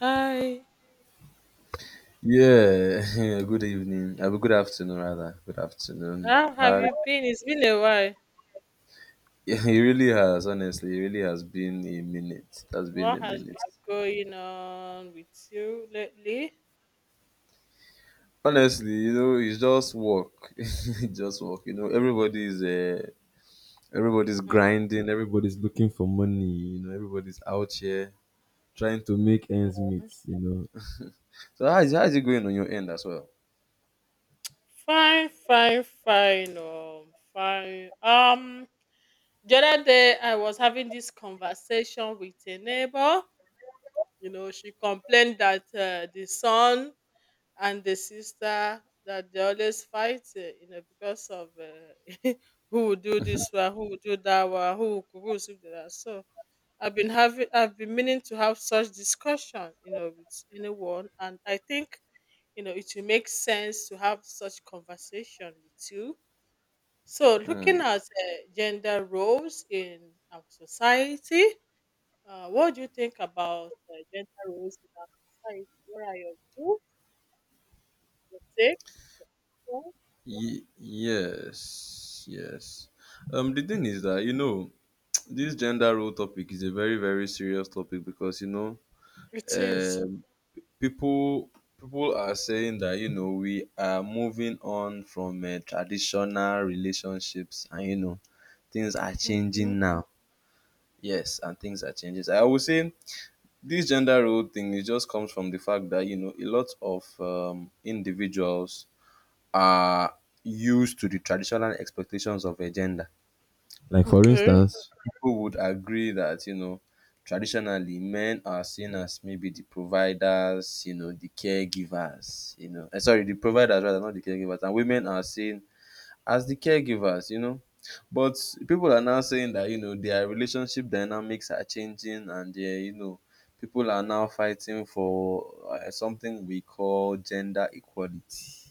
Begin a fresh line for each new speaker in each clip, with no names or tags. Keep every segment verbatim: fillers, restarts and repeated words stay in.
Hi,
Yeah, good evening. Uh, good afternoon, rather. Good afternoon.
how have
Hi.
you been? It's been a while.
Yeah, it really has, honestly, it really has been a minute. That's been
What
a
has
minute.
been going on with you lately?
Honestly, you know, it's just work. It's just work. You know, everybody's uh, everybody's
Hmm.
grinding. Everybody's looking for money. You know, everybody's out here trying to make ends meet. You know. So how is how is it going on your end as well?
Fine, fine, fine. Um, fine. Um, the other day I was having this conversation with a neighbor. You know, she complained that uh, the son and the sister that they always fight. Uh, you know, because of uh, who will do this one, who will do that one, who will cook, who will sweep the house. So I've been having, I've been meaning to have such discussion, you know, with anyone, and I think you know it will make sense to have such conversation with you. So, looking
Mm.
at uh, gender roles in our society, uh, what do you think about uh, gender roles in our society? What are your views? Your take? On?
Ye- yes, yes. Um, the thing is that, you know. this gender role topic is a very very serious topic because you know
It is.
um, people people are saying that, you know we are moving on from uh, traditional relationships. And, you know things are changing
Okay.
now. Yes, and things are changing, I would say. This gender role thing, it just comes from the fact that, you know a lot of um, individuals are used to the traditional expectations of a gender. Like, for
Okay.
instance, people would agree that, you know, traditionally men are seen as maybe the providers, you know, the caregivers, you know, eh, sorry, the providers rather, not the caregivers, and women are seen as the caregivers, you know. But people are now saying that, you know, their relationship dynamics are changing. And, they you know, people are now fighting for uh, something we call gender equality.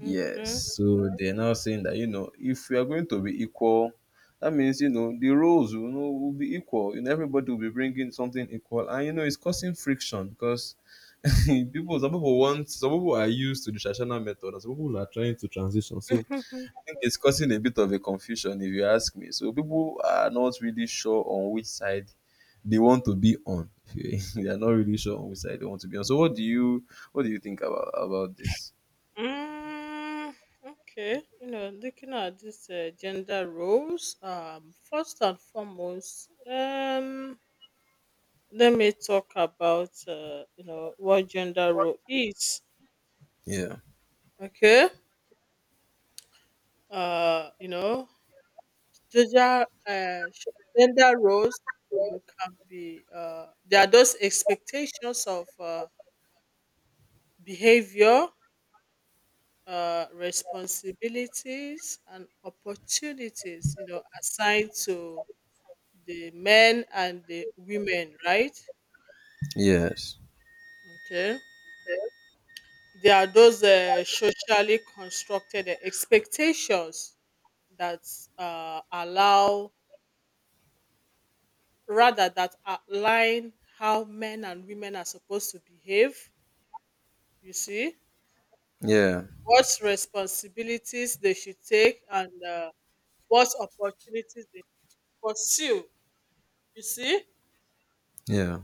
Yes, so they're now saying that, you know if we are going to be equal, that means, you know the roles, you know will be equal. You know everybody will be bringing something equal, and, you know it's causing friction because people some people want some people are used to the traditional method, and some people are trying to transition. So
Okay.
I think it's causing a bit of a confusion, if you ask me. So people are not really sure on which side they want to be on. They are not really sure on which side they want to be on. So what do you what do you think about about this?
Mm, okay, you know, looking at these uh, gender roles, um, first and foremost, um, let me talk about uh, you know what gender role is.
Yeah.
Okay, uh, you know, gender uh, sh- gender roles, uh, they can be uh, there are those expectations of uh, behavior. Uh, responsibilities and opportunities, you know, assigned to the men and the women, right?
Yes.
Okay. There are those uh, socially constructed uh, expectations that uh, allow, rather, that outline how men and women are supposed to behave, you see,
Yeah.
what responsibilities they should take and uh, what opportunities they pursue, you see.
Yeah.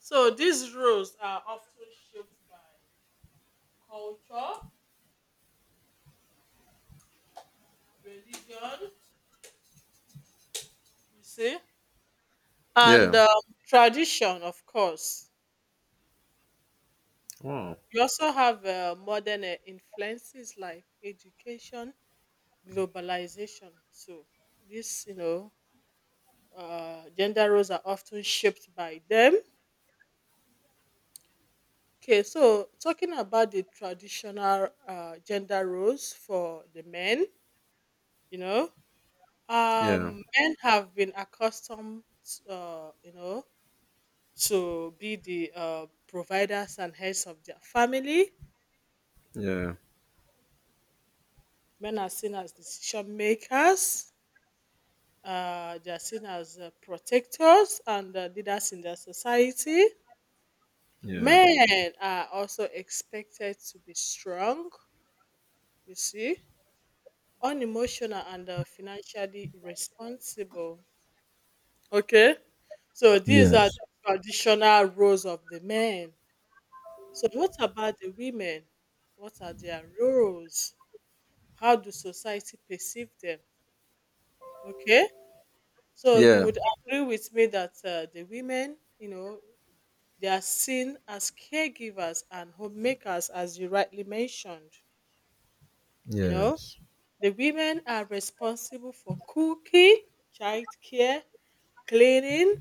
So these rules are often shaped by culture, religion, you see, and
Yeah.
um, tradition, of course.
Wow.
We also have uh, modern uh, influences like education, globalization too. This, you know, uh, gender roles are often shaped by them. Okay, so talking about the traditional uh, gender roles for the men, you know,
Yeah.
um, men have been accustomed, uh, you know, to be the uh, providers and heads of their family.
Yeah.
Men are seen as decision makers, uh, they are seen as uh, protectors and uh, leaders in their society.
Yeah.
Men are also expected to be strong, you see, unemotional, and uh, financially responsible. Okay, so these are
Yes.
the traditional roles of the men. So, what about the women? What are their roles? How do society perceive them? Okay. So you
Yeah.
would agree with me that uh, the women, you know, they are seen as caregivers and homemakers, as you rightly mentioned. You know,
Yes.
the women are responsible for cooking, childcare, cleaning.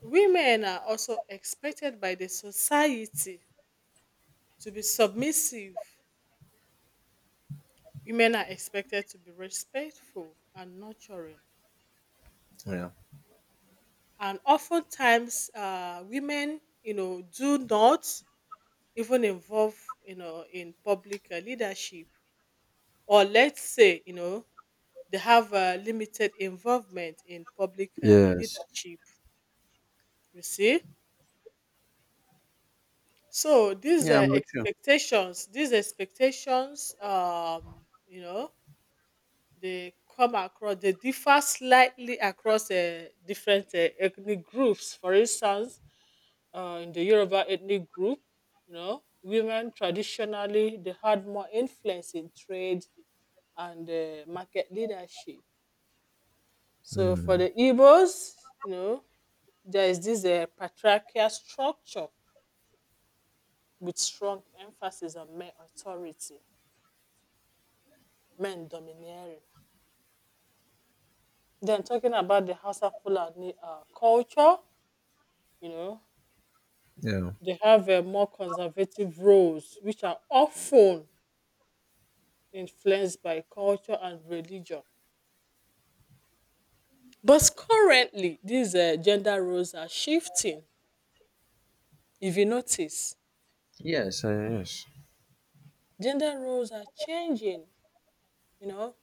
Women are also expected by the society to be submissive. Women are expected to be respectful and nurturing.
Yeah.
And oftentimes, uh, women, you know, do not even involve you know in public uh, leadership, or let's say you know they have uh, limited involvement in public uh,
Yes.
leadership, you see. So these
Yeah,
uh,
I'm with you.
expectations, these expectations um you know, they come across they differ slightly across uh, different uh, ethnic groups, for instance. Uh, in the Yoruba ethnic group, you know, women traditionally they had more influence in trade and uh, market leadership. So for
Mm.
the Igbos, you know, there is this uh, patriarchal structure with strong emphasis on men authority, men domineering. Then talking about the Hausa Fulani uh, culture, you know,
Yeah.
they have uh, more conservative roles, which are often influenced by culture and religion. But currently, these uh, gender roles are shifting. If you notice,
Yes, I yes.
gender roles are changing, you know,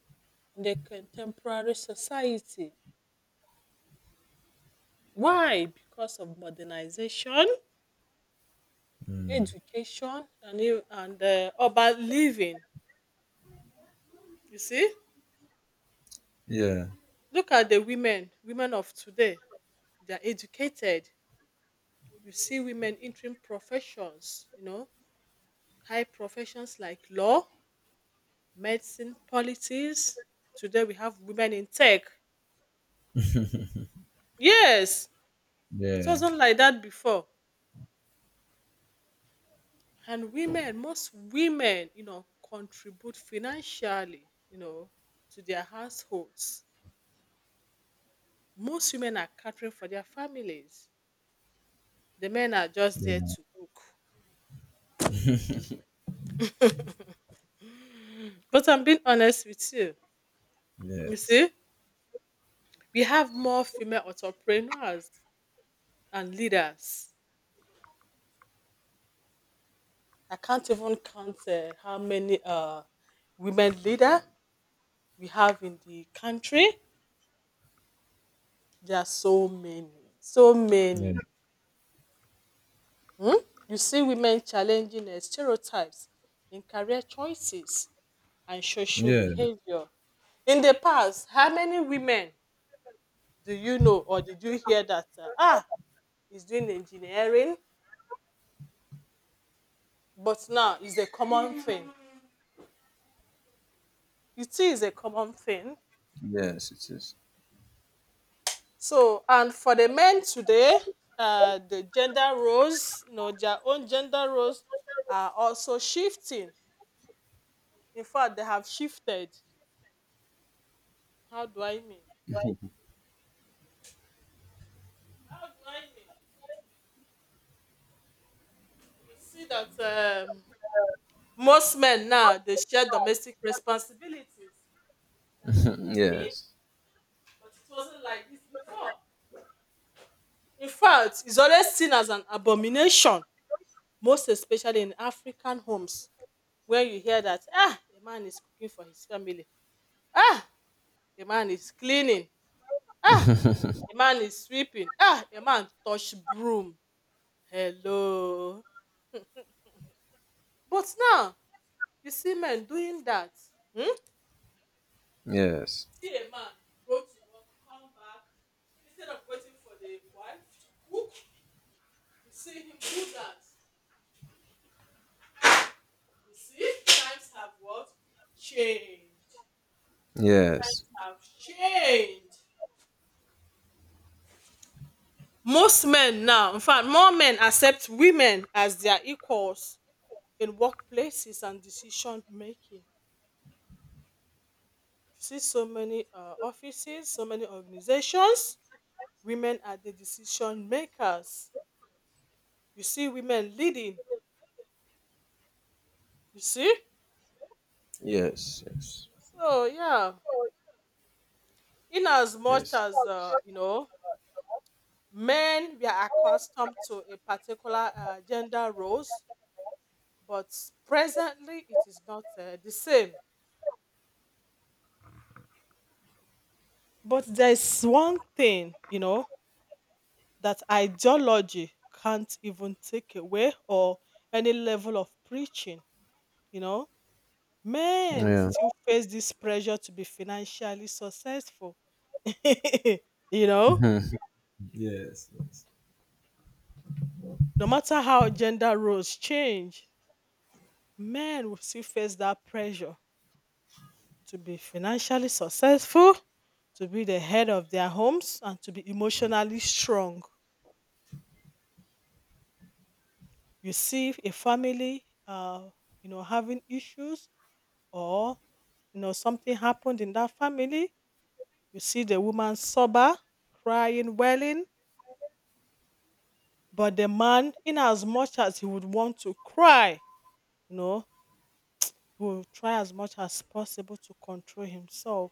in the contemporary society. Why? Because of modernization,
Mm.
education, and you- and uh, urban living. You see,
Yeah.
look at the women, women of today. They are educated. You see women entering professions, you know, high professions like law, medicine, politics. Today we have women in tech. Yes, it
Yeah.
wasn't like that before. And women most women, you know, contribute financially, you know, to their households. Most women are catering for their families. The men are just there
Yeah.
to cook, but I'm being honest with you. You
Yes.
see, we have more female entrepreneurs and leaders. I can't even count uh, how many uh, women leader we have in the country. There are so many, so
Yeah.
many. Hmm? You see women challenging eh, stereotypes in career choices and social
Yeah.
behavior. In the past, how many women do you know or did you hear that uh, ah is doing engineering? But now it's a common thing. It is a common thing.
Yes, it is.
So, and for the men today, uh, the gender roles, you know, their own gender roles are also shifting. In fact, they have shifted. How do I mean? How do I mean? You see that um, most men now they share domestic responsibilities like cooking,
Yes.
but it wasn't like this before. In fact, it's always seen as an abomination, most especially in African homes, where you hear that ah, a man is cooking for his family, ah, a man is cleaning, ah, a man is sweeping, ah, a man touch broom. Hello, but now you see men doing that. Hmm? You
Yes.
see a man go to work, come back, instead of waiting for the wife to cook, you see him do that. You see, times have what? Changed.
Yes.
Times have changed. Most men now, in fact, more men accept women as their equals in workplaces and decision making. You see so many uh, offices, so many organizations, women are the decision makers. You see women leading, you see?
Yes.
So yeah, in as much
Yes. Yes.
as uh, you know, men we are accustomed to a particular uh, gender roles, but presently it is not uh, the same. But there is one thing you know that ideology can't even take away, or any level of preaching. You know, men
Yeah.
still face this pressure to be financially successful. You know,
Yes. Yes.
no matter how gender roles change, men will still face that pressure to be financially successful, to be the head of their homes, and to be emotionally strong. You see a family, uh, you know, having issues, or you know something happened in that family. You see the woman sober, crying, wailing, but the man, in as much as he would want to cry, you know, he will try as much as possible to control himself,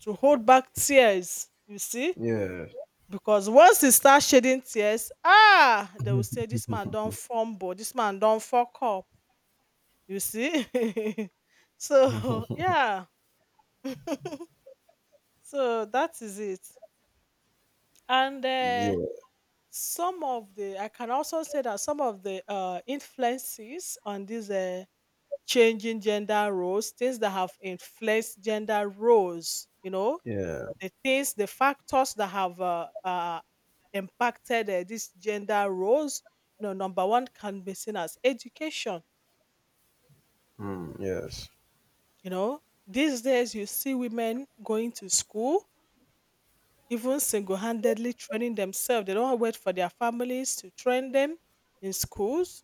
to hold back tears. You see,
Yeah.
because once he start shedding tears, ah, they will say, this man don't fumble, this man don't fuck up, you see. So yeah. So that is it. And
Yeah.
um some of the I can also say that some of the um influences on these um changing gender roles, things that have influenced gender roles, you know,
Yeah.
the things, the factors that have uh, uh, impacted uh, these gender roles, you know, number one can be seen as education.
Mm. Yes.
You know, these days you see women going to school, even single handedly training themselves. They don't wait for their families to train them in schools.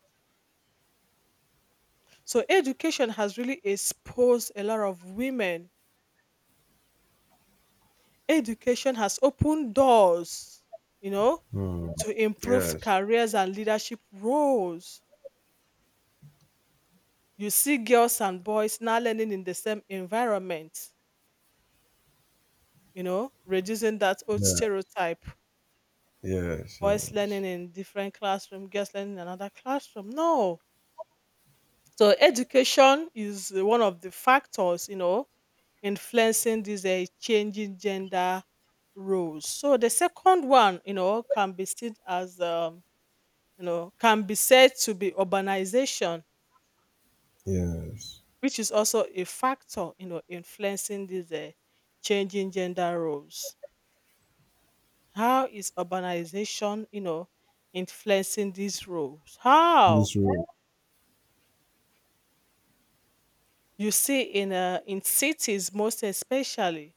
So, education has really exposed a lot of women. Education has opened doors, you know,
Mm.
to improve
Yes.
careers and leadership roles. You see girls and boys now learning in the same environment, you know, reducing that old
Yeah.
stereotype.
Yes.
Boys
Yes.
learning in different classroom, girls learning in another classroom. No. So education is uh, one of the factors, you know, influencing these uh, changing gender roles. So the second one, you know, can be seen as, um, you know, can be said to be urbanization, which is also a factor, you know, influencing these uh, changing gender roles. How is urbanization, you know, influencing these roles? How?
This role.
You see, in uh, in cities, most especially,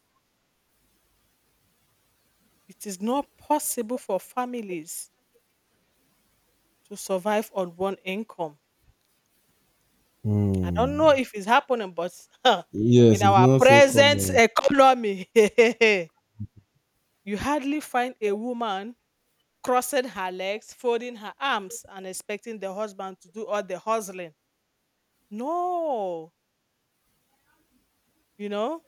it is not possible for families to survive on one income. I don't know
Mm.
if it's happening, but in
Yes, it's
our
not so
present
common.
economy, you hardly find a woman crossing her legs, folding her arms, and expecting the husband to do all the hustling. No, you know.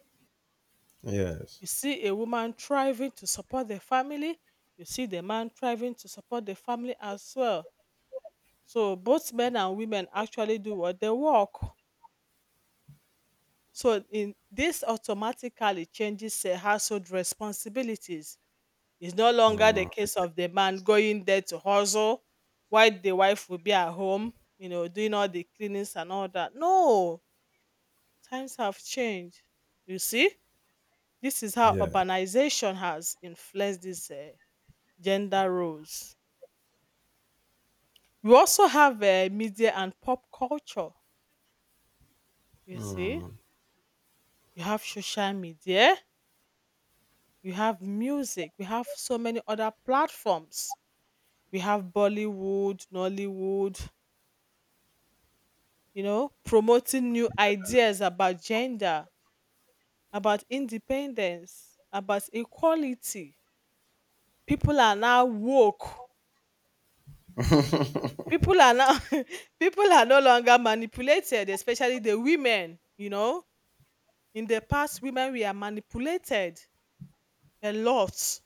Yes.
You see a woman thriving to support the family, you see the man thriving to support the family as well. So both men and women actually do what they work. So in this automatically changes uh, household responsibilities. It's no longer the
Mm.
case of the man going there to hustle while the wife will be at home, you know, doing all the cleanings and all that. No, times have changed. You see, this is how
Yes.
urbanization has influenced this uh, gender roles. You also have uh, media and pop culture, you see.
Mm.
You have social media, you have music, we have so many other platforms. We have Bollywood, Nollywood, you know, promoting new ideas about gender, about independence, about equality. People are now woke. People are now people are no longer manipulated, especially the women, you know. In the past, women were manipulated a lot.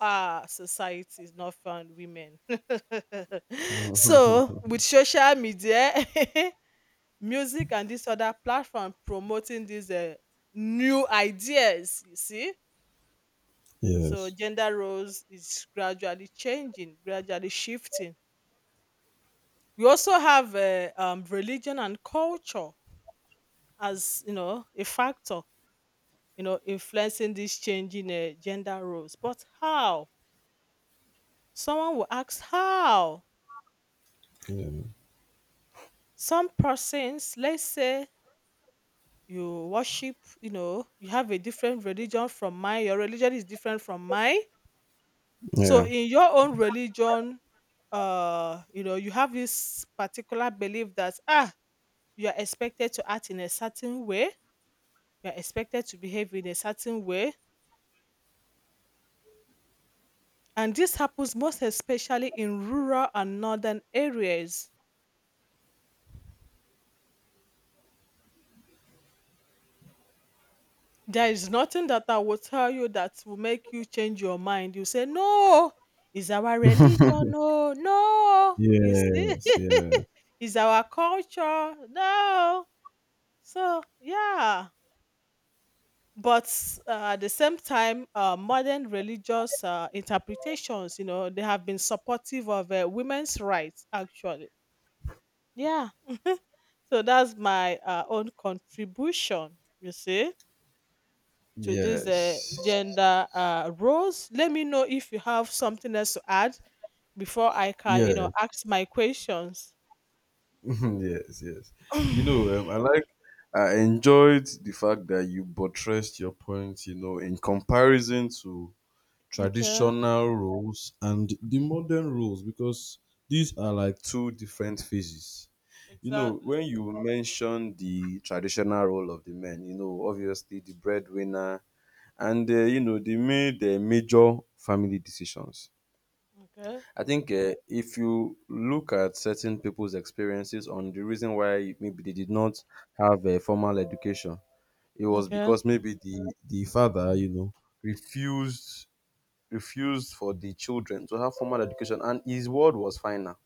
Ah, society is not fun, women. So, with social media, music, and this other platform promoting these uh, new ideas, you see. So,
Yes.
gender roles is gradually changing, gradually shifting. We also have uh, um, religion and culture as you know a factor, you know, influencing these changing uh, gender roles. But how? Someone will ask how.
Yeah.
Some persons, let's say you worship, you know, you have a different religion from mine, your religion is different from mine. So
Yeah.
in your own religion, uh, you know, you have this particular belief that ah, you are expected to act in a certain way, you are expected to behave in a certain way. And this happens most especially in rural and northern areas. There is nothing that I will tell you that will make you change your mind. You say, no, is our religion. No, no. You see,
Yes, yeah.
is our culture. No. So, yeah. But uh, at the same time, uh, modern religious uh, interpretations, you know, they have been supportive of uh, women's rights, actually. Yeah. So that's my uh, own contribution, you see. To this uh,
Yes.
gender uh, roles. Let me know if you have something else to add before I can, you know,
Yes.
ask my questions.
Yes. Yes. You know, um, I like. I enjoyed the fact that you buttressed your point. You know, in comparison to
Okay.
traditional roles and the modern roles, because these are like two different phases. You know, when
Exactly.
you mention the traditional role of the men, you know, obviously the breadwinner, and, uh, you know, they made the major family decisions.
Okay.
I think, uh, if you look at certain people's experiences on the reason why maybe they did not have a formal education, it was
Okay.
because maybe the, the father, you know, refused refused for the children to have formal education, and his word was final.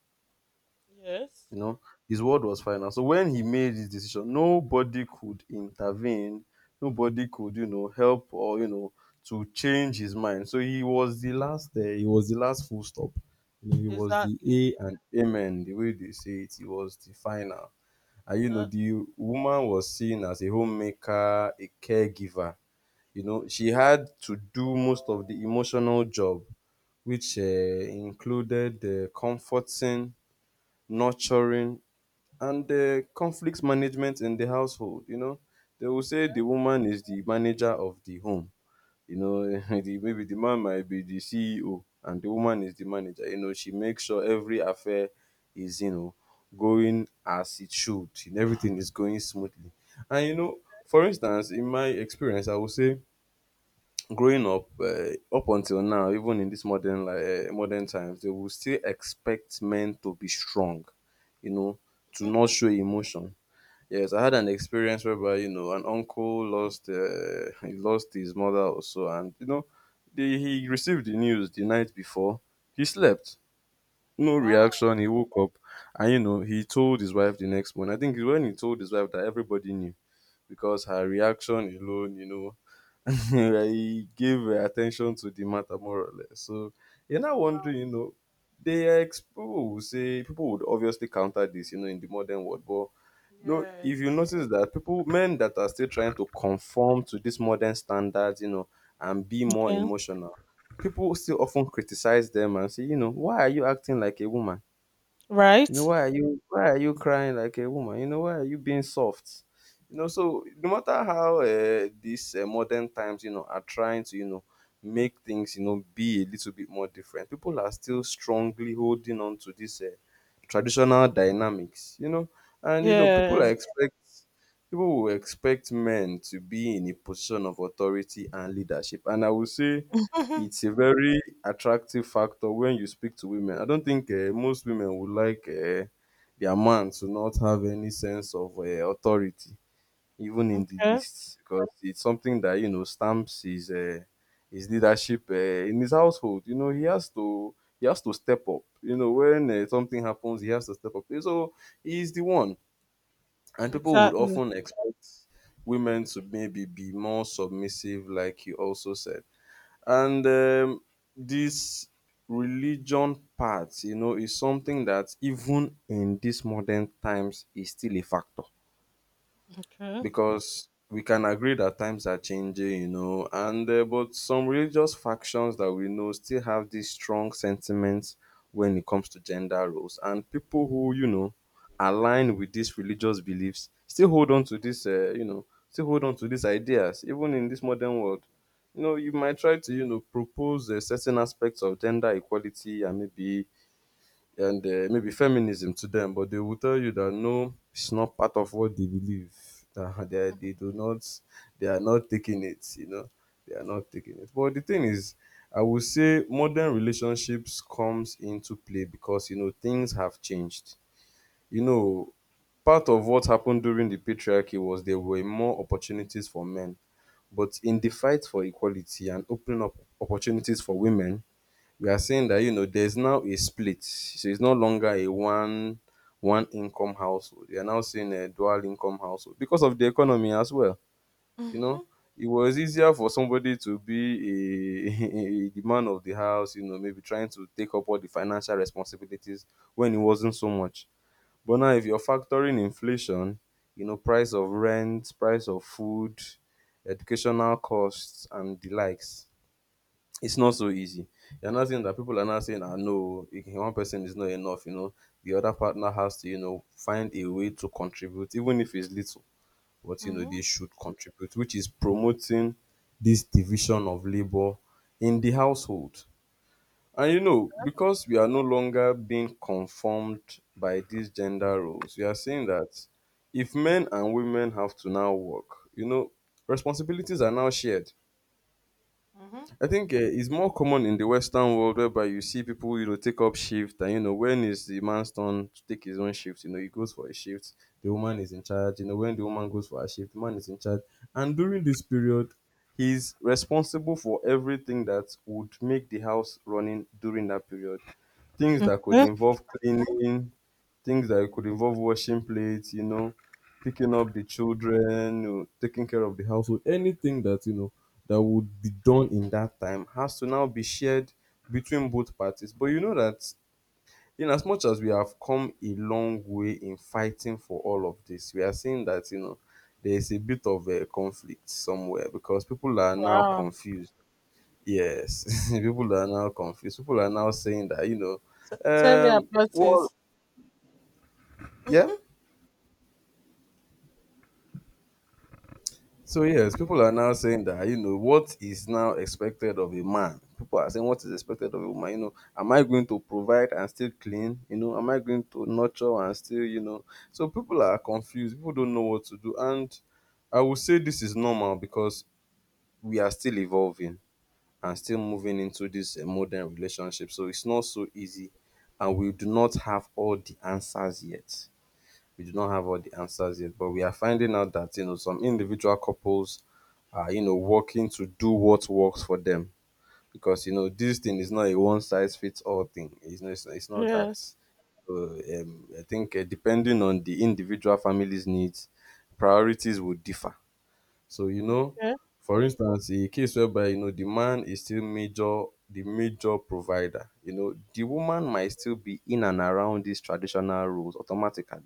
Yes.
You know, his word was final. So when he made his decision, nobody could intervene. Nobody could, you know, help or, you know to change his mind. So he was the last. Uh, he was the last, full stop. You know, he was the
Exactly.
A and Amen. The way they say it, he was the final. And, you know,
Exactly.
the woman was seen as a homemaker, a caregiver. You know, she had to do most of the emotional job, which uh, included uh, comforting, nurturing, and uh, conflict management in the household. You know, they will
Okay.
say the woman is the manager of the home. You know, the, maybe the man might be the C E O and the woman is the manager. You know, she makes sure every affair is, you know, going as it should, and everything is going smoothly. And, you know, for instance, in my experience, I would say growing up, uh, up until now, even in this modern like uh, modern times, they will still expect men to be strong, you know, to not show emotion. Yes, I had an experience whereby, you know, an uncle lost uh, he lost his mother also. And, you know the, he received the news the night before, he slept, no
Wow.
reaction, he woke up. And, you know he told his wife the next morning. I think when he told his wife, that everybody knew, because her reaction alone you know I gave attention to the matter, more or less. So you're now
Wow.
wondering, you know, they are ex- people will say, people would obviously counter this, you know, in the modern world. But no, if you
Yes.
notice that people, men that are still trying to conform to these modern standards, you know, and be more
Okay.
emotional, people still often criticize them and say, you know, why are you acting like a woman? You know,
Right.
why are you why are you crying like a woman? You know, why are you being soft? You know, so no matter how uh, these uh, modern times, you know, are trying to, you know, make things, you know, be a little bit more different, people are still strongly holding on to this uh, traditional dynamics, you know, and, you know, people are
Yes.
expect people will expect men to be in a position of authority and leadership, and I will say
Mhm.
it's a very attractive factor when you speak to women. I don't think uh, most women would like uh, their man to not have any sense of uh, authority, even in the
Okay.
least, because it's something that, you know, stamps his uh, his leadership, uh, in his household. You know, he has to he has to step up. You know, when uh, something happens, he has to step up. So he's the one, and people would
Exactly.
often expect women to maybe be more submissive, like you also said. And um, this religion part, you know, is something that, even in these modern times, is still a factor,
Okay.
because we can agree that times are changing, you know, and uh, but some religious factions that we know still have these strong sentiments when it comes to gender roles, and people who, you know align with these religious beliefs, still hold on to this, uh, you know, still hold on to these ideas, even in this modern world. You know, you might try to, you know propose uh, certain aspects of gender equality and maybe, and uh, maybe feminism to them, but they will tell you that no, it's not part of what they believe. That they, they do not, they are not taking it, you know, they are not taking it. But the thing is, I would say modern relationships comes into play, because, you know things have changed. You know, part of what happened during the patriarchy was there were more opportunities for men, but in the fight for equality and opening up opportunities for women, we are saying that, you know there's now a split. So it's no longer a one one income household. You're now seeing a dual income household, because of the economy as well you know
Mm-hmm.
it was easier for somebody to be a, a the man of the house, you know, maybe trying to take up all the financial responsibilities, when it wasn't so much. But now, if you're factoring inflation, you know, price of rent, price of food, educational costs, and the likes, it's not so easy. You're not saying that people are not saying, "I know one person is not enough." You know, the other partner has to, you know, find a way to contribute, even if it's little. But, you know,
Mm-hmm.
they should contribute, which is promoting this division of labor in the household. And, you know, because we are no longer being conformed by these gender roles, we are saying that if men and women have to now work, you know, responsibilities are now shared.
Mm-hmm.
I think, uh, it's more common in the Western world, whereby you see people, you know, take up shift. And, you know, when is the man's turn to take his own shift, you know, he goes for a shift, the woman is in charge. You know, when the woman goes for a shift, the man is in charge. And during this period, he's responsible for everything that would make the house running during that period. Things that could involve cleaning, things that could involve washing plates, you know, picking up the children, you know, taking care of the household, anything that, you know, that would be done in that time has to now be shared between both parties. But you know that in as much as we have come a long way in fighting for all of this, we are seeing that, you know, there is a bit of a conflict somewhere because people are now
Wow.
confused. Yes, people are now confused. People are now saying that, you know,
T- tell me
um,
about
well,
this.
yeah. So, yes, people are now saying that, you know, what is now expected of a man? People are saying, what is expected of a woman? You know, am I going to provide and still clean? You know, am I going to nurture and still, you know? So, people are confused. People don't know what to do. And I would say this is normal because we are still evolving. And still moving into this uh, modern relationship. So it's not so easy, and we do not have all the answers yet. We do not have all the answers yet, but we are finding out that you know some individual couples are you know working to do what works for them because you know this thing is not a one size fits all thing. It's not, it's not, it's not that.
Yes.
Uh, um, I think uh, depending on the individual family's needs, priorities would differ. So, you know,
Yeah.
for instance, a case whereby, you know, the man is still major, the major provider, you know, the woman might still be in and around these traditional roles automatically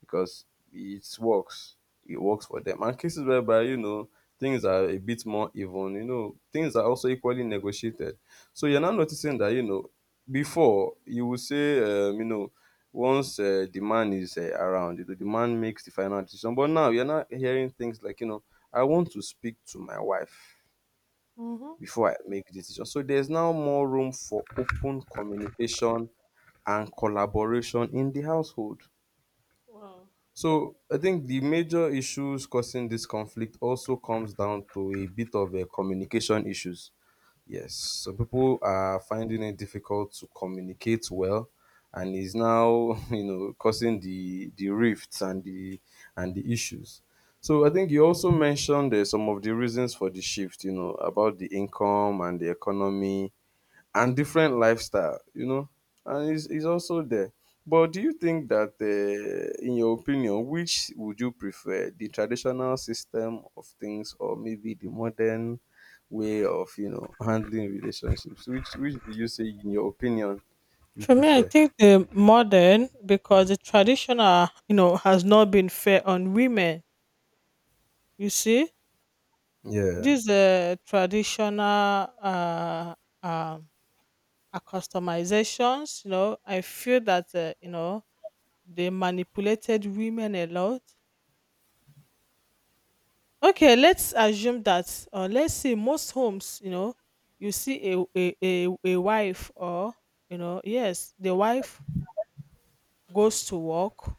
because it works. It works for them. And cases whereby, you know, things are a bit more even, you know, things are also equally negotiated. So you're now noticing that, you know, before you would say, um, you know, once uh, the man is uh, around, you know, the man makes the final decision. But now you're not hearing things like, you know, I want to speak to my wife
Mm-hmm.
before I make decisions. So there's now more room for open communication and collaboration in the household.
Wow.
So I think the major issues causing this conflict also comes down to a bit of a communication issues. Yes, so people are finding it difficult to communicate well, and is now you know causing the the rifts and the and the issues. So I think you also mentioned uh, some of the reasons for the shift. You know about the income and the economy and different lifestyle, you know, and it's, it's also there. But do you think that, uh, in your opinion, which would you prefer, the traditional system of things, or maybe the modern way of, you know, handling relationships? Which which do you say, in your opinion, you
For me, I
prefer?
think the modern, because the traditional, you know, has not been fair on women. You see,
Yeah.
these uh, traditional uh, um, uh, customizations, you know, I feel that uh, you know they manipulated women a lot. Okay, let's assume that, or let's see, most homes, you know, you see a a a, a wife or you know, yes, the wife goes to work.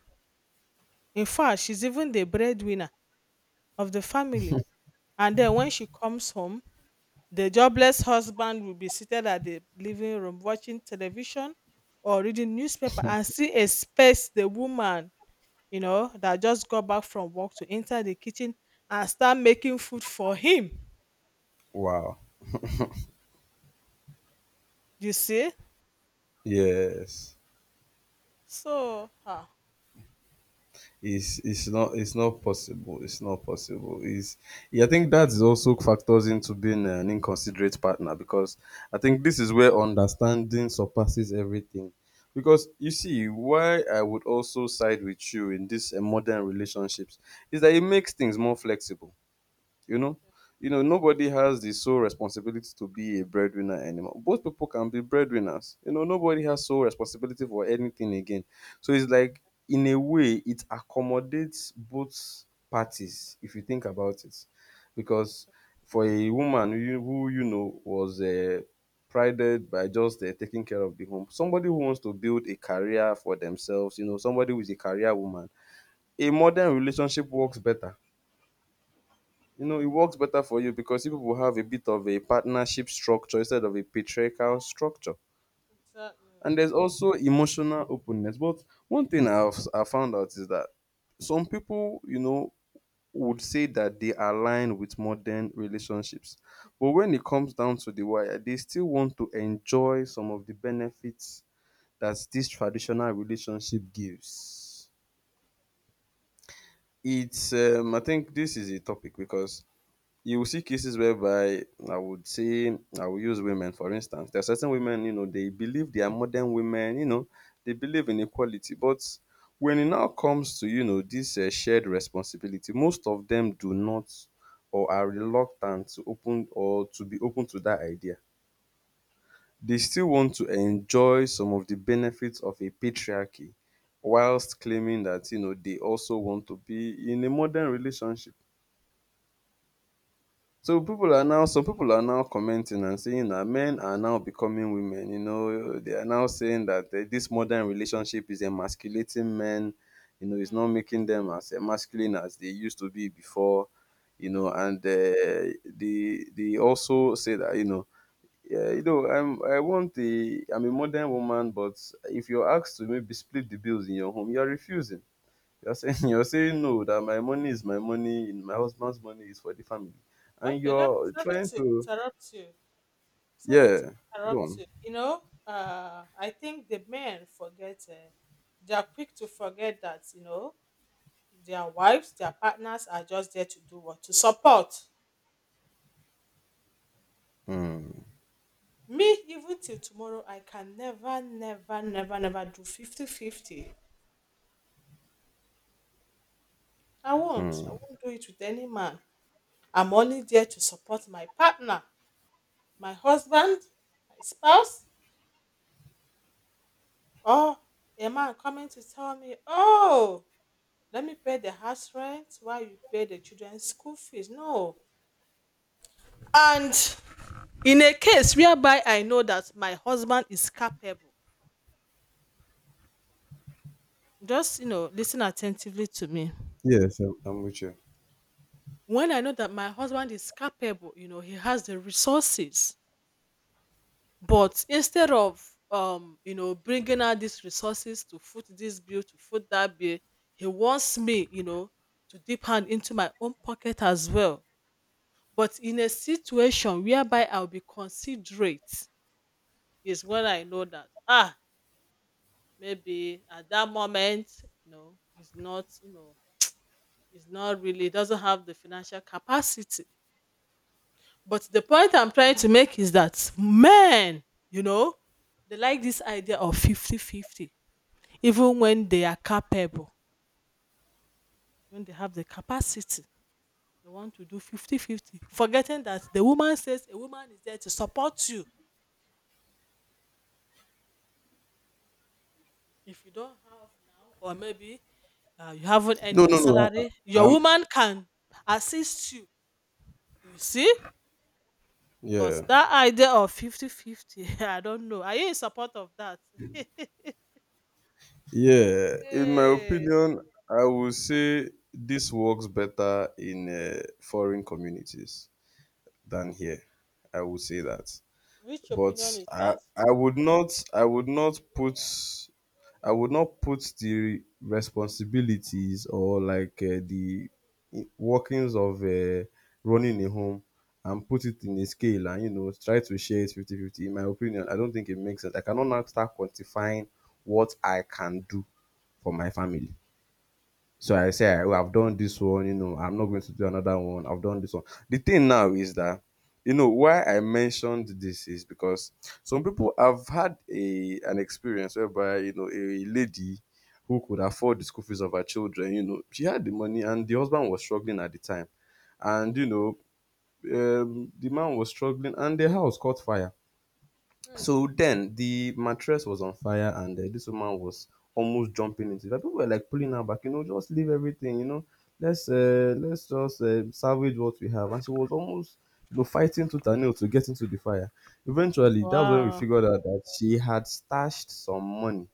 In fact, she's even the breadwinner of the family. And then when she comes home, the jobless husband will be seated at the living room watching television or reading newspaper and see a space, the woman, you know, that just got back from work to enter the kitchen and start making food for him.
Wow.
You see?
Yes.
So, ah,
it's it's not it's not possible. It's not possible. Is I think that is also factors into being an inconsiderate partner because I think this is where understanding surpasses everything. Because you see, why I would also side with you in this uh, modern relationships is that it makes things more flexible. you know you know Nobody has the sole responsibility to be a breadwinner anymore. Both people can be breadwinners. You know nobody has sole responsibility for anything again. So it's like, in a way, it accommodates both parties if you think about it, because for a woman who you, who, you know was uh, prided by just uh, taking care of the home, somebody who wants to build a career for themselves, you know somebody who is a career woman, a
mm,
modern relationship works better. You know it works better for you because you people have a bit of a partnership structure instead of a patriarchal structure.
exactly.
And there's also emotional openness. But one thing I've I found out is that some people, you know would say that they align with modern relationships, but when it comes down to the wire, they still want to enjoy some of the benefits that this traditional relationship gives. It's um, I think this is a topic because you will see cases whereby I would say I will use women for instance. There are certain women, you know, they believe they are modern women, you know, they believe in equality. But when it now comes to, you know, this uh, shared responsibility, most of them do not or are reluctant to open or to be open to that idea. They still want to enjoy some of the benefits of a patriarchy whilst claiming that, you know, they also want to be in a modern relationship. So people are now Some people are now commenting and saying that men are now becoming women. You know they are now saying that uh, this modern relationship is emasculating men. You know
Hmm,
it's
hmm,
not making them as masculine as they used to be before. You know
hmm.
and uh, they they also say that, you know yeah, you know i'm i want the i i'm a modern woman. But if you're asked to maybe split the bills in your home, you're refusing. You're saying you're saying no, that my money is my money and my husband's money is for the family. And
Okay, let me,
you're
sorry
trying
to
to
interrupt you. Sorry to
yeah, go
interrupt
on.
you. You know, uh, I think the men forget, uh, they are quick to forget that, you know, their wives, their partners are just there to do what? To support.
Hmm.
Me, even till tomorrow, I can never, never, never, never do fifty-fifty. I won't. I
Hmm.
won't do it with any man. I'm only there to support my partner, my husband, my spouse, or a man coming to tell me, oh, let me pay the house rent while you pay the children's school fees. No. And in a case whereby I know that my husband is capable, just, you know, listen attentively to me.
Yes, I'm, I'm with you.
When I know that my husband is capable, you know, he has the resources, but instead of, um, you know, bringing out these resources to foot this bill, to foot that bill, he wants me, you know, to dip hand into my own pocket as well. But in a situation whereby I'll be considerate is when I know that ah maybe at that moment you know it's not you know it's not really doesn't have the financial capacity. But the point I'm trying to make is that men, you know, they like this idea of fifty fifty, even when they are capable, when they have the capacity, they want to do fifty fifty, forgetting that the woman says a woman is there to support you. If you don't have now, or maybe uh, you haven't earned
No,
your
no, no. I,
salary,
I-
your
I'm
woman can assist you. You see? But
yeah,
that idea of fifty fifty. I don't know. Are you in support of that?
yeah. In my
Hey,
opinion, I would say this works better in uh, foreign communities than here. I would say that,
which
but
opinion is
I
that?
I would not I would not put I would not put the responsibilities or like uh, the workings of uh, running a home and put it in a scale and you know try to share it fifty fifty. In my opinion, I don't think it makes sense. I cannot now start quantifying what I can do for my family. So I say, well, I've done this one, you know, I'm not going to do another one. I've done this one. The thing now is that, you know, why I mentioned this is because some people have had a an experience whereby, you know, a lady who could afford the school fees of her children, you know, she had the money and the husband was struggling at the time.
Okay.
And, you
Okay.
know, um, the man was struggling and the house caught fire,
Hmm.
so then the mattress was on fire, and uh, this woman was almost jumping into it. Like, people were like pulling her back, you know, just leave everything, you know, let's uh, let's just uh, salvage what we have. And she was almost, you know, fighting tooth and nail to get into the fire. Eventually, that's when we
Wow.
figured out that she had stashed some money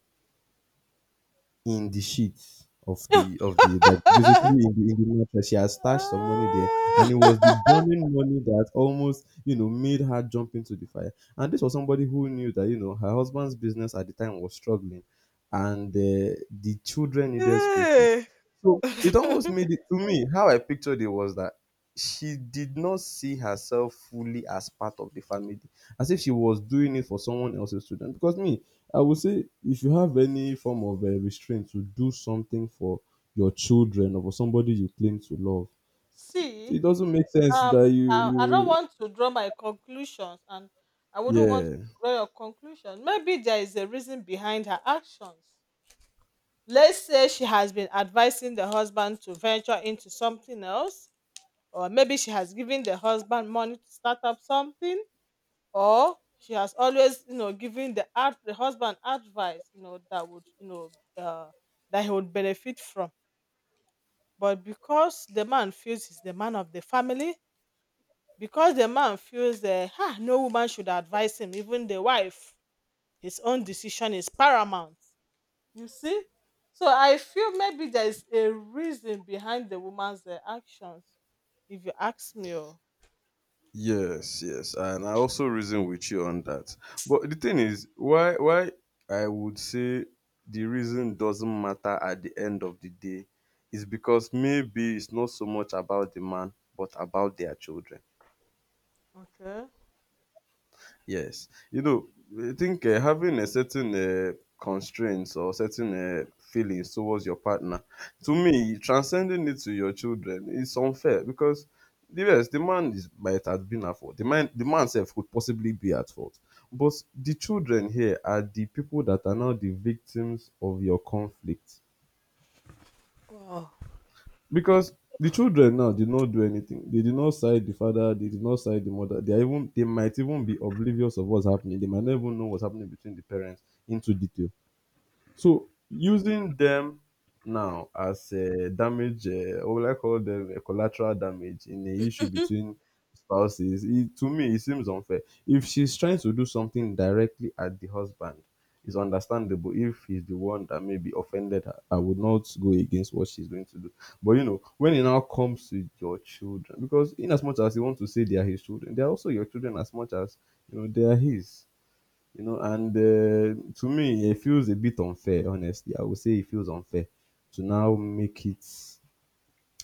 in the sheets of the of the like, basically in the, in the mattress. She has stashed some money there, and
Ah!
it was the burning money that almost you know made her jump into the fire. And this was somebody who knew that you know her husband's business at the time was struggling, and uh, the children needed school fees.
Eh.
So it almost made it, to me how I pictured it was that she did not see herself fully as part of the family, as if she was doing it for someone else's children. Because me, I would say if you have any form of uh, restraint to do something for your children or for somebody you claim to love,
See,
it doesn't make sense
um,
that you
I, I don't
you
want to draw my conclusions, and I wouldn't want to
yeah.
draw your conclusion. Maybe there is a reason behind her actions. Let's say she has been advising the husband to venture into something else, or maybe she has given the husband money to start up something, or she has always, you know, given the ad- the husband advice, you know, that would, you know, uh, that he would benefit from. But because the man feels he's the man of the family, because the man feels that ah, no woman should advise him, even the wife, his own decision is paramount. You see? So I feel maybe there is a reason behind the woman's uh, actions, if you ask me. Oh.
Yes, yes, and I also reason with you on that. But the thing is, why why I would say the reason doesn't matter at the end of the day is because maybe it's not so much about the man, but about their children.
Okay.
Yes, you know, I think uh, having a certain uh, constraints or certain uh, feelings towards your partner, to me, transcending it to your children is unfair because the yes, the man is might have been at fault. The man, the man self could possibly be at fault, but the children here are the people that are now the victims of your conflict
Wow.
because the children now did not do anything. They did not side the father. They did not side the mother. They are even they might even be oblivious of what's happening. They might not even know what's happening between the parents into detail. So using them now as a damage, uh, what will I call them, a collateral damage in the issue between spouses, it, to me, it seems unfair. If she's trying to do something directly at the husband, it's understandable if he's the one that maybe offended her. I would not go against what she's going to do. But you know, when it now comes to your children, because in as much as you want to say they are his children, they are also your children as much as you know they are his. You know and uh, To me, it feels a bit unfair. Honestly, I would say it feels unfair to now make it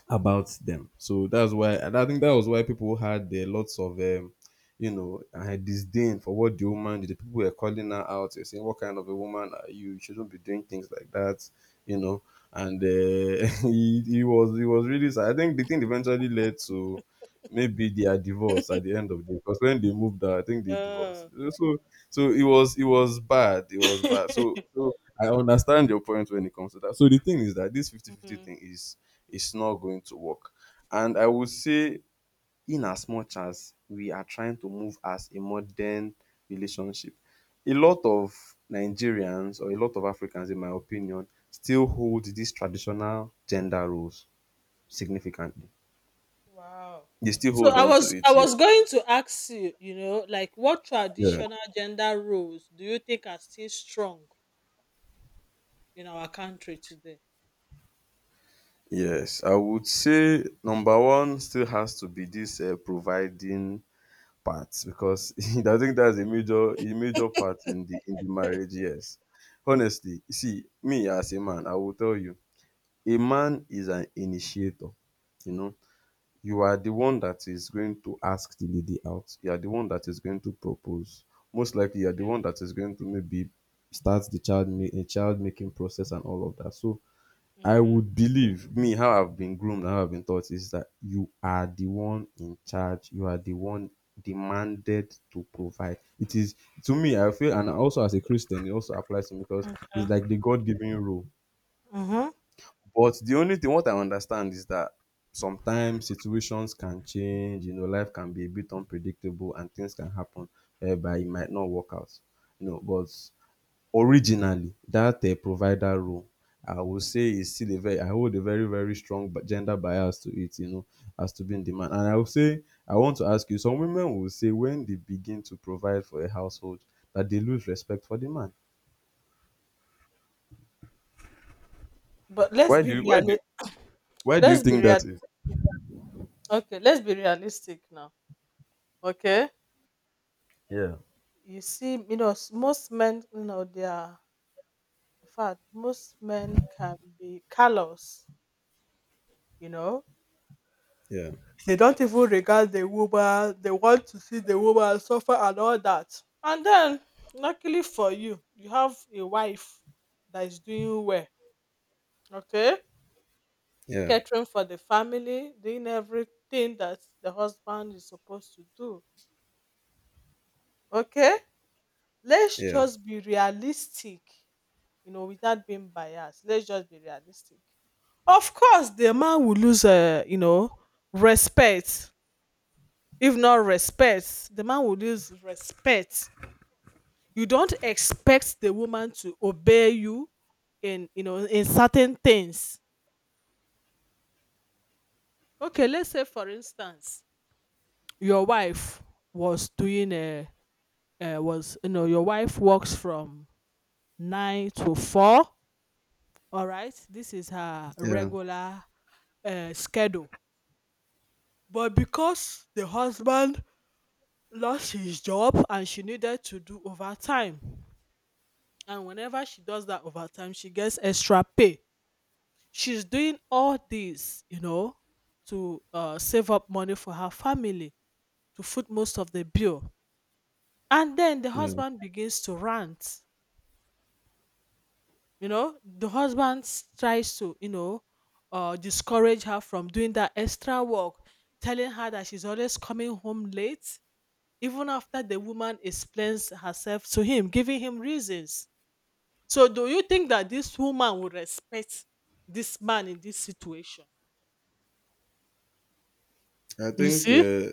about them. So that's why, and I think that was why people had uh, lots of, um, you know, uh, disdain for what the woman did. The people were calling her out, they saying, "What kind of a woman are you? You shouldn't be doing things like that," you know. And uh, he, he was he was really sad. I think the thing eventually led to maybe their divorce at the end of the day, because when they moved out, I think they divorced.
Yeah.
So so it was it was bad. It was bad. So so I understand your point when it comes to that. So the thing is that this fifty fifty thing is it's not going to work. And I would say, in as much as we are trying to move as a modern relationship, a lot of Nigerians or a lot of Africans, in my opinion, still hold these traditional gender roles significantly.
Wow.
They still
So
hold
I
on to
was I
it, yes.
was going to ask you, you know, like what
Yeah.
traditional gender roles do you think are still strong in our country today?
Yes, I would say number one still has to be this uh, providing part because I think that's a major a major part in the in the marriage. Yes, honestly, you see, me as a man, I will tell you, a man is an initiator. You know, you are the one that is going to ask the lady out. You are the one that is going to propose. Most likely, you are the
Okay.
one that is going to maybe start the child ma- eh, child making process and all of that. So I
Okay.
would believe me how I've been groomed and how I've been taught is that you are the one in charge. You are the one demanded to provide. It is to me, I feel, and also as a Christian, it also applies to me because it's
Yeah.
like the God given rule.
Mm-hmm.
But the only thing what I understand is that sometimes situations can change, you know, life can be a bit unpredictable and things can happen whereby it might not work out. You know, but originally that um provider role I would say is still a very I hold a very very strong bi- gender bias to it, you know, as to being the man. And I would say I want to ask you, some women will say when they begin to provide for a household that they lose respect for the man.
But let's
Why do
be
you why do you,
real.
why do you
Let's be
think
real.
that is?
Okay, let's be realistic now. Okay,
Yeah,
you see, you know, s- most men, you know, they are. In fact, most men can be callous. You know,
yeah,
They don't even regard the woman. They want to see the woman suffer and all that. And then, luckily for you, you have a wife that is doing well. Okay,
yeah,
catering for the family, doing everything that the husband is supposed to do. Okay, let's
yeah,
just be realistic. You know, without being biased, let's just be realistic. Of course, the man will lose, uh, you know, respect. If not respect, the man would use respect. You don't expect the woman to obey you in, you know in certain things. Okay, let's say, for instance, your wife was doing a, uh was, you know your wife works from nine to four. All right, this is her
yeah,
regular uh, schedule, but because the husband lost his job, and she needed to do overtime. And whenever she does that overtime, she gets extra pay. She's doing all this, you know, to uh, save up money for her family, to foot most of the bill. And then the
yeah.
husband begins to rant. You know, the husband s- tries to, you know, uh, discourage her from doing that extra work, telling her that she's always coming home late, even after the woman explains herself to him, giving him reasons. So do you think that this woman will respect this man in this situation?
I
You
think
see?
uh,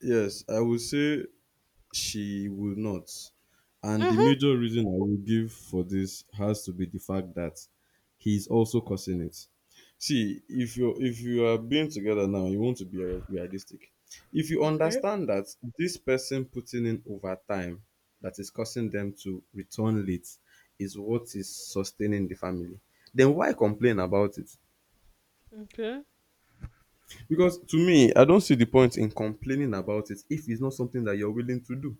yes, I would say she will not. And the
Mm-hmm.
major reason I will give for this has to be the fact that he's also causing it. See, if you if you are being together now, you want to be rea- realistic. If you
Okay.
understand that this person putting in overtime that is causing them to return late is what is sustaining the family, then why complain about it?
Okay.
Because to me, I don't see the point in complaining about it if it's not something that you're willing to do.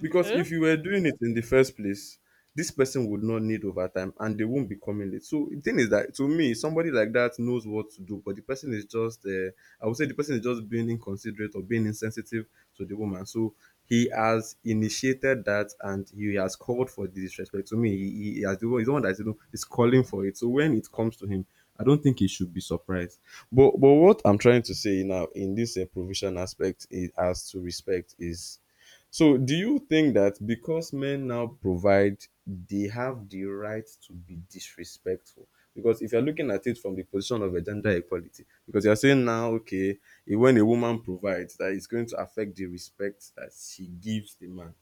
Because
Okay.
if you were doing it in the first place, this person would not need overtime and they won't be coming late. So the thing is that to me, somebody like that knows what to do, but the person is just, uh, I would say the person is just being inconsiderate or being insensitive to the woman. So he has initiated that and he has called for the disrespect. To me, he, he has the one, he's the one that is, you know, is calling for it. So when it comes to him, I don't think he should be surprised. But but what I'm trying to say now in this uh, provision aspect is, as to respect is so, do you think that because men now provide, they have the right to be disrespectful? Because if you're looking at it from the position of a gender equality, because you're saying now, okay, eh, when a woman provides, that is going to affect the respect that she gives the man.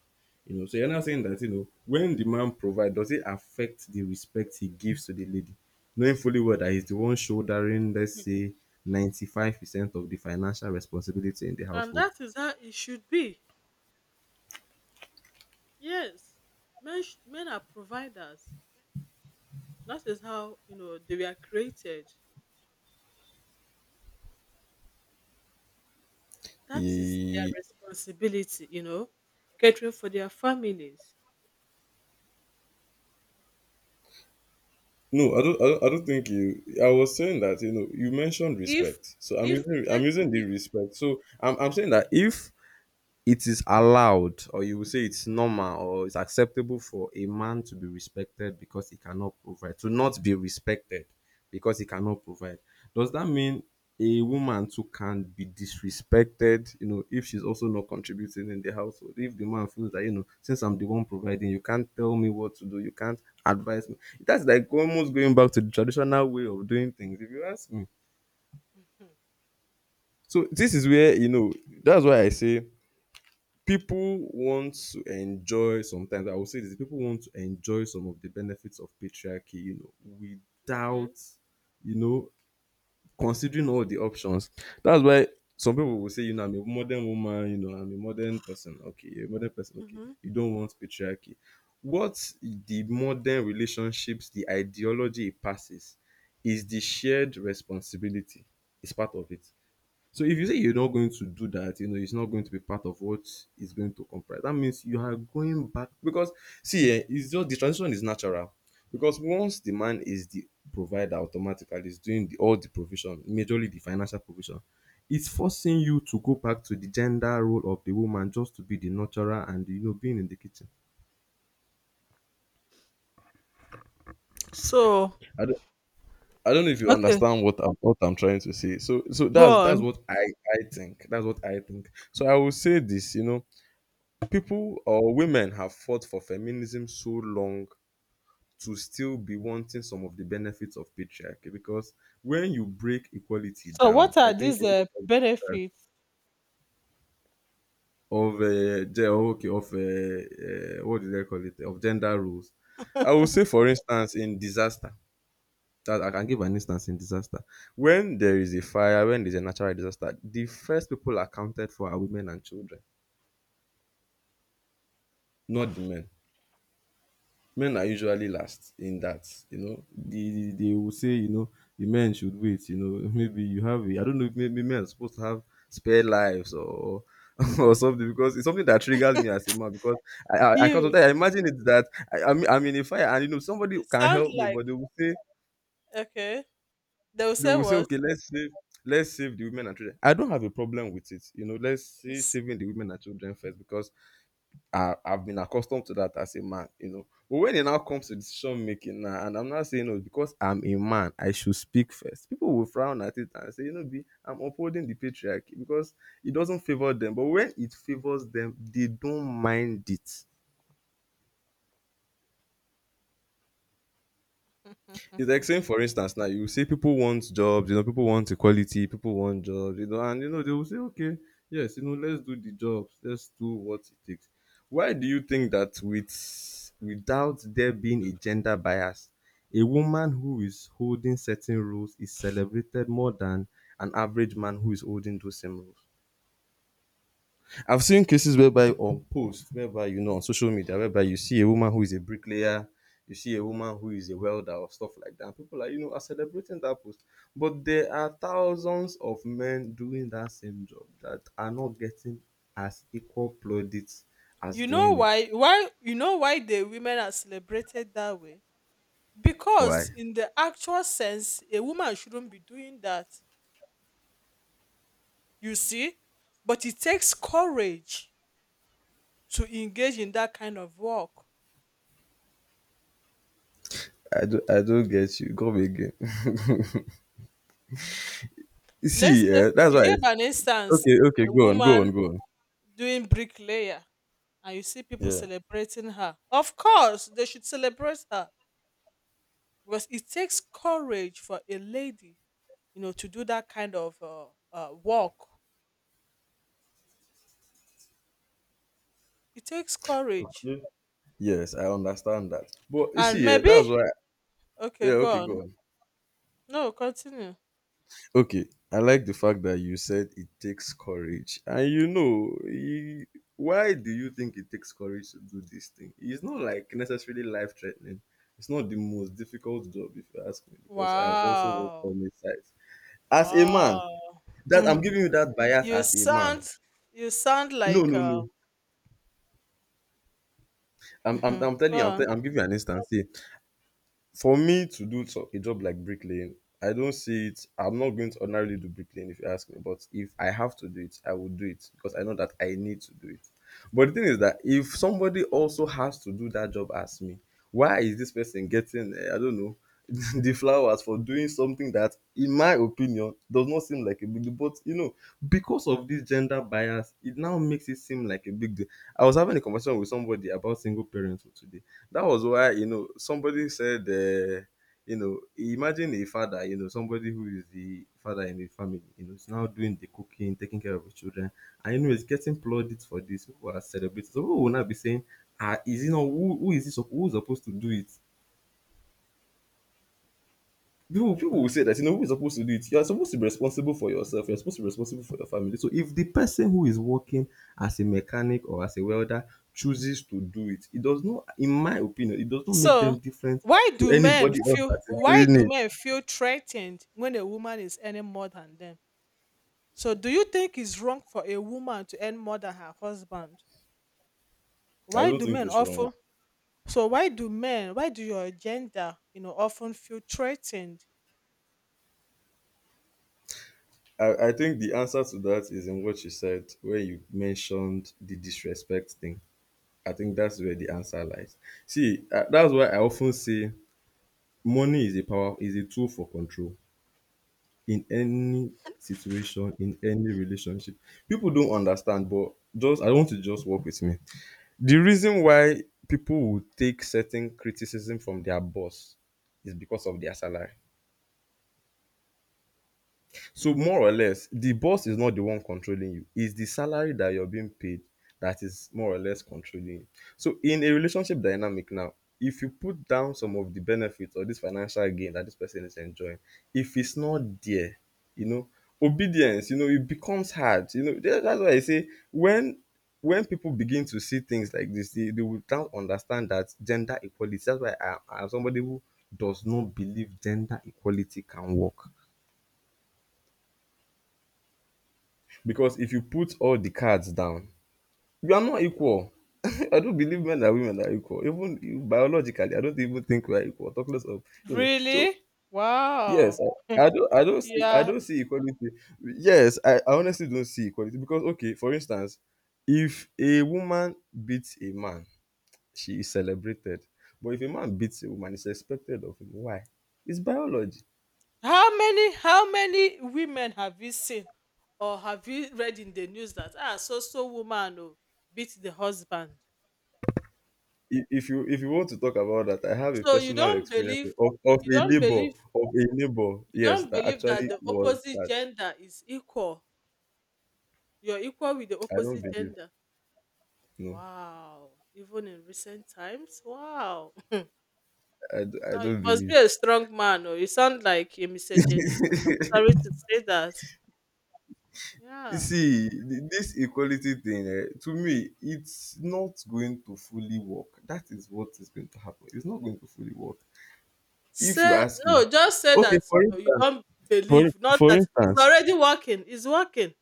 You know, so you're not saying that, you know, when the man provides, does it affect the respect he gives to the lady? Knowing fully well that he's the one shouldering, let's
Mhm.
say, ninety-five percent of the financial responsibility in the
And
household.
that is how it should be. Yes. Men, sh- men are providers. That is how, you know, they were created. That is their
Eh,
responsibility, you know, catering for their families.
no, I don't, I don't. I don't think you. I was saying that you know you mentioned
If,
respect, so I'm
if, you
using I'm
said
using the
if.
respect. So I'm I'm saying that if it is allowed or you will say it's normal or it's acceptable for a man to be respected because he cannot provide, to not be respected because he cannot provide. Does that mean a woman too can be disrespected, you know, if she's also not contributing in the household? If the man feels that, you know, since I'm the one providing, you can't tell me what to do, you can't advise me. That's like almost going back to the traditional way of doing things, if you ask me.
Mhm.
So this is where, you know, that's why I say people want to enjoy sometimes I will say this people want to enjoy some of the benefits of patriarchy you know without
Okay.
you know considering all the options that's why some people will say you know I'm a modern woman you know I'm a modern person okay you're a modern person okay
Hmm.
you don't want patriarchy what the modern relationships the ideology it passes is the shared responsibility it's part of it so if you say you're not going to do that, you know, it's not going to be part of what is going to comprise. That means you are going back because see, eh, it's just the transition is natural. Because once the man is the provider automatically is doing the, all the provision, majorly the financial provision, it's forcing you to go back to the gender role of the woman just to be the nurturer and you know being in the kitchen.
So
I don't, I don't know if you
okay,
understand what I'm what I'm trying to say. So so
go
that's that's
on.
what I I think. That's what I think. So I will say this, you know, people or women have fought for feminism so long to still be wanting some of the benefits of patriarchy because when you break equality
So
down,
what
I
are
think
these
a
uh,
lot of
benefits?
of uh, ge- okay of uh, uh, what did I call it of gender roles. I will say, for instance, in disaster. That I can give an instance in disaster. When there is a fire, when there's a natural disaster, the first people are counted for are women and children, not the men. Men are usually last in that you know they, they they will say you know the men should wait you know maybe you have a, I don't know if maybe men are supposed to have spare lives or or something because it's something that triggers me as a man because i i, I can
You
sometimes I imagine it that I, I'm, I'm in a fire and you know somebody
It
can
sounds
help me
like
but they will say
okay. They'll
they
say
will say
what?
okay let's save let's save the women and children I don't have a problem with it you know let's say
Yes.
saving the women and children first because I, I've been accustomed to that as a man, you know. But when it now comes to decision making now, and I'm not saying no because I'm a man, I should speak first. People will frown at it and say, you know, B, I'm upholding the patriarchy because it doesn't favor them. But when it favors them, they don't mind it. It's like saying, for instance, now you see people want jobs, you know, people want equality, people want jobs, you know, and you know, they will say, okay, yes, you know, let's do the jobs, let's do what it takes. Why do you think that with without there being a gender bias, a woman who is holding certain roles is celebrated more than an average man who is holding those same roles? I've seen cases whereby on posts, whereby you know on social media, whereby you see a woman who is a bricklayer, you see a woman who is a welder or stuff like that. And people are you know are celebrating that post, but there are thousands of men doing that same job that are not getting as equal plaudits as
You know
doing it.
why? Why you know why the women are celebrated that way? Because
Why?
in the actual sense, a woman shouldn't be doing that. You see, but it takes courage to engage in that kind of work.
I do I don't get you. Come again. You
Let's
see,
say
yeah, that's
you
why.
gave
I-
an instance,
Okay, okay,
a
go on, go on,
woman
go on.
doing bricklayer, and you see people
Yeah.
celebrating her. Of course, they should celebrate her because it takes courage for a lady, you know to do that kind of uh, uh, work. It takes courage.
Okay. Yes, I understand that. But you
And
see, yeah,
maybe,
that's why.
okay,
Yeah,
go
okay, go
on.
on.
No, continue.
Okay, I like the fact that you said it takes courage. And you know, e- why do you think it takes courage to do this thing? It's not like necessarily life threatening. It's not the most difficult job, if you ask me, because I have also worked
Wow.
on this site. As a man,
Wow.
that I'm giving you that bias
you
as a man.
sound you sound
No,
like
no, no.
uh,
I'm, I'm, I'm telling you,
go
I'm,
on.
tell, I'm giving you an instance. Here. For me to do so- a job like bricklaying, I don't see it. I'm not going to ordinarily do bricklaying if you ask me, but if I have to do it, I will do it because I know that I need to do it. But the thing is that if somebody also has to do that job as me, why is this person getting, uh, I don't know, the flowers for doing something that, in my opinion, does not seem like a big deal? But, you know, because of this gender bias, it now makes it seem like a big deal. I was having a conversation with somebody about single parenthood today, that was why, you know, somebody said, uh, you know, imagine a father, you know, somebody who is the father in the family, you know, is now doing the cooking, taking care of the children, and you know, is getting plaudits for this. People are celebrating. So people will not be saying, ah, is it not who, who is this? Who's supposed to do it? people people will say that, you know, who is supposed to do it? You are supposed to be responsible for yourself, you're supposed to be responsible for your family. So if the person who is working as a mechanic or as a welder chooses to do it, it does not, in my opinion, it does not make
So
them different
why
to
do men
anybody else that
feel,
is
why
doing
do
it.
men feel threatened when a woman is earning more than them? So do you think it's wrong for a woman to earn more than her husband?
I
Why
don't
do
think
men
it's wrong.
often, so why do men why do your gender, you know, often feel threatened?
I i think the answer to that is in what you said when you mentioned the disrespect thing. I think that's where the answer lies. See, uh, that's why I often say money is a power, is a tool for control in any situation, in any relationship. People don't understand, but just I want to just work with me. The reason why people will take certain criticism from their boss is because of their salary. So more or less, the boss is not the one controlling you. It's the salary that you're being paid that is more or less controlling you. So in a relationship dynamic now, if you put down some of the benefits or this financial gain that this person is enjoying, if it's not there, you know, obedience, you know, it becomes hard. You know, tha- that's why I say when when people begin to see things like this, they, they will now understand that gender equality. That's why I, I'm somebody who does not believe gender equality can work. Because if you put all the cards down, you are not equal. I don't believe men and women are equal. Even biologically, I don't even think we are equal. Talk less of you know. So
Really?
yes,
Wow.
I, I don't I don't see I
Yeah.
don't see equality. Yes, I, I honestly don't see equality because, okay, for instance, if a woman beats a man, she is celebrated. But if a man beats a woman, it's expected of him. Why? It's biology.
How many how many women have you seen or have you read in the news that ah so so woman, oh, beat the husband?
if if you if you want to talk about that, I have a
So you
personal
don't
experience
believe
of, of
you
a
don't
neighbor
believe
of a neighbor.
you
Yes,
don't
that
believe
actually
that the
was
opposite
that.
gender is equal. You're equal with the
I don't
opposite
believe.
gender.
No,
Wow. Even in recent times. Wow.
I, d- I
Oh, you
don't
must be
believe.
a strong man, or you sound like a misogynist. I'm sorry to say that. Yeah.
See, th- this equality thing, eh, to me, it's not going to fully work. That is what is going to happen. It's not going to fully work. If you
Say
ask me,
no, just say
okay,
that
for
you, know, you
instance,
don't
for,
believe. Not
for
that it's
instance,
already working. It's working.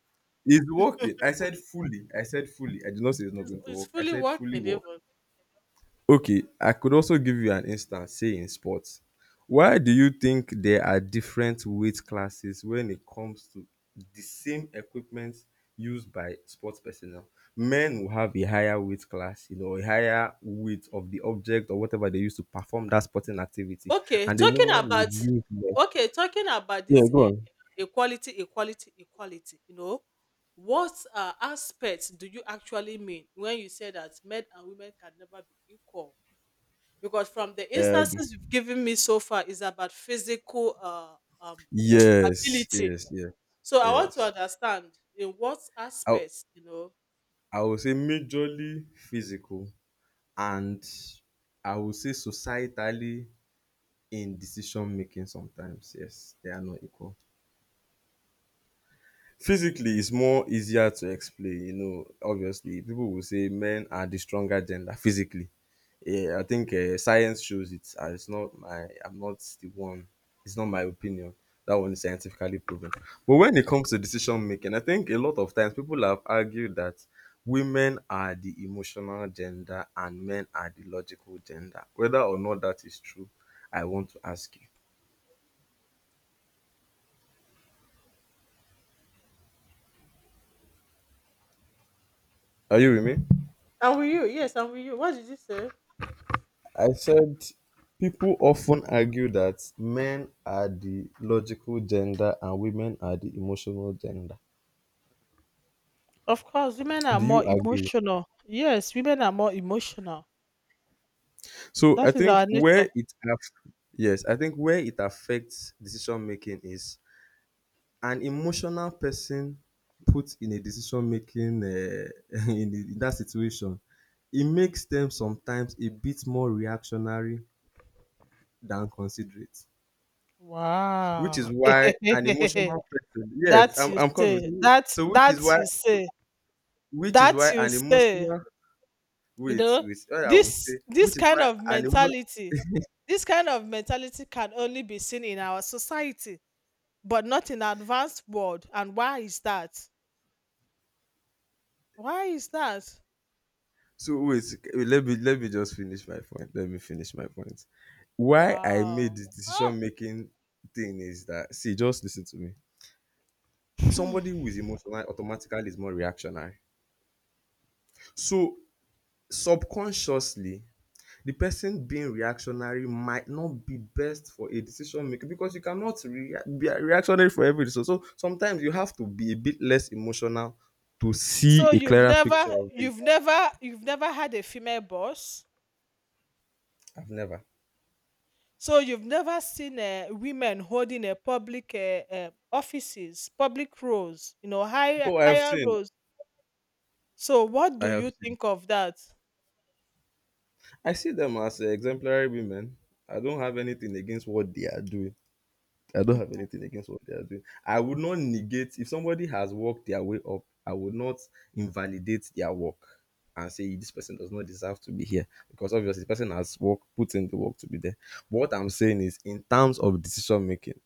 it's working. I said fully. I said fully. I did not say it's not
It's,
going to
it's
work. I
fully
said fully
working,
work.
even.
Okay, I could also give you an instance, say in sports. Why do you think there are different weight classes when it comes to the same equipment used by sports personnel? Men will have a higher weight class, you know, a higher weight of the object or whatever they use to perform that sporting activity,
Okay,
and the
talking
woman
about,
would use less.
okay, talking about
Yeah,
this
go
uh,
on.
equality, equality, equality. You know, what uh, aspects do you actually mean when you say that men and women can never be equal? Because from the
Um,
instances you've given me so far is about physical uh, um,
yes,
ability.
yes, yes,
So I want to
yes.
understand in what
I
aspects, you know.
I would say majorly physical, and I would say societally in decision making sometimes, yes, they are not equal. Physically, it's more easier to explain, you know. Obviously, people will say men are the stronger gender physically. Yeah, I think, uh, science shows it, and it's not my I'm not the one, it's not my opinion. That one is scientifically proven. But when it comes to decision making, I think a lot of times people have argued that women are the emotional gender and men are the logical gender. Whether or not that is true, I want to ask you, are you with me?
And with you, yes, and with you. What did you say?
I said people often argue that men are the logical gender and women are the emotional gender.
Of course, women are
Do you
more
agree?
emotional. Yes, women are more emotional.
So I
That is
think
our
where
nature.
it aff- yes, I think where it affects decision making is an emotional person put in a decision making, uh, in, the- in that situation. It makes them sometimes a bit more reactionary than considerate, which is
Wow.
why an emotional person. Yes,
That
I'm,
you
I'm coming.
say.
So,
That
so which is
that
why
you say.
which is
That
why
you
an
say.
emotional
You
wait,
know,
wait what I would say
this this
Which is
kind
why
of
an emo
mentality, this kind of mentality can only be seen in our society, but not in advanced world. And why is that? Why is that?
so wait, wait, let me let me just finish my point, let me finish my point. Why I made
Wow.
this decision
Ah.
making thing is that, see, just listen to me. Somebody who is emotional automatically is more reactionary. So subconsciously, the person being reactionary might not be best for a decision maker, because you cannot rea- be reactionary for every decision. So sometimes you have to be a bit less emotional to see
So
a
you've
clearer picture
never,
of it.
you've never, you've never had a female boss.
I've never.
So you've never seen uh, women holding a public uh, uh, offices, public roles, you know, higher
Oh, I have
higher
seen.
roles. So what
I
do
have
you
seen.
think of that?
I see them as, uh, exemplary women. I don't have anything against what they are doing. I don't have anything against what they are doing. I would not negate if somebody has worked their way up. I would not invalidate their work and say this person does not deserve to be here, because obviously the person has work put in the work to be there. But what I'm saying is, in terms of decision making,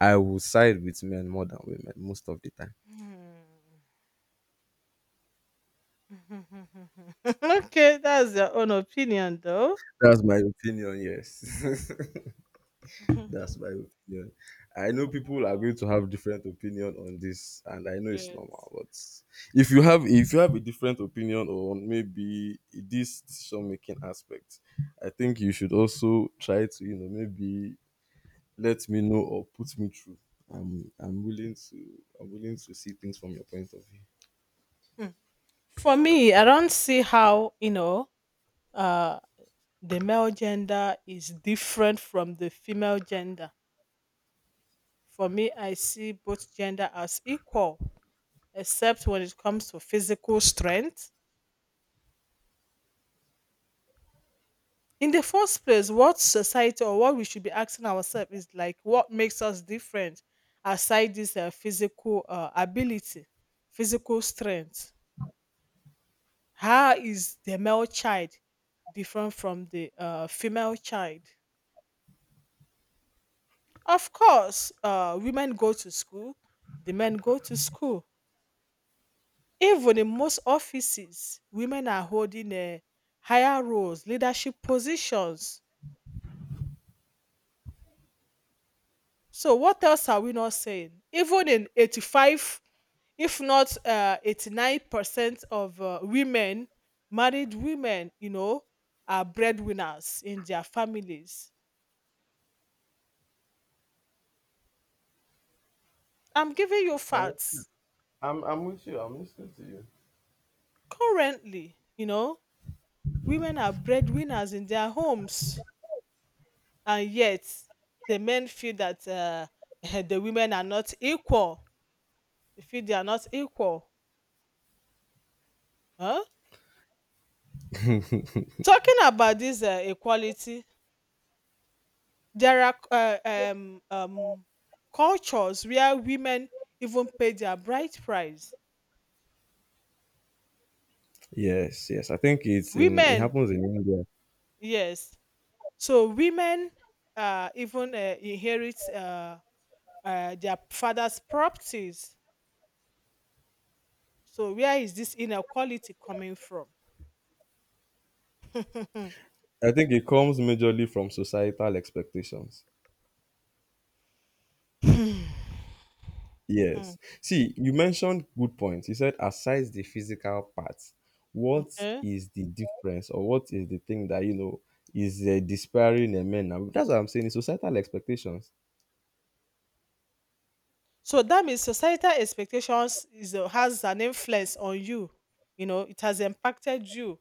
I will side with men more than women most of the time.
Hmm. Okay, that's your own opinion, though.
That's my opinion. Yes. That's my opinion. I know people are going to have different opinion on this, and I know it's
Yes.
normal. But if you have if you have a different opinion on maybe this decision making aspect, I think you should also try to, you know, maybe let me know or put me through. I'm I'm willing to, I'm willing to see things from your point of view.
For me, I don't see how, you know, uh, the male gender is different from the female gender. For me, I see both gender as equal, except when it comes to physical strength. In the first place, what society or what we should be asking ourselves is like what makes us different aside this uh, physical uh, ability, physical strength. How is the male child different from the uh, female child? Of course, uh, women go to school, the men go to school. Even in most offices, women are holding uh, higher roles, leadership positions. So, what else are we not saying? Even in eighty-five, if not uh, eighty-nine percent of uh, women, married women, you know, are breadwinners in their families. I'm giving you
I'm,
facts.
I'm, I'm with you. I'm listening to you.
Currently, you know, women are breadwinners in their homes, and yet the men feel that uh, the women are not equal. They feel they are not equal. Huh? Talking about this uh, equality, there are uh, um, um, cultures where women even pay their bride price.
Yes, yes. I think it's in, it
Women,
happens in India.
yes. So women uh, even uh, inherit uh, uh, their father's properties. So where is this inequality coming from?
I think it comes majorly from societal expectations.
Hmm. Mhm.
Yes. See, you mentioned good points. You said aside the physical part, what
Okay.
is the difference or what is the thing that, you know, is, uh, despairing in men now? That's what I'm saying. It's societal expectations.
So that means societal expectations is a- has an influence on you. You know, it has impacted you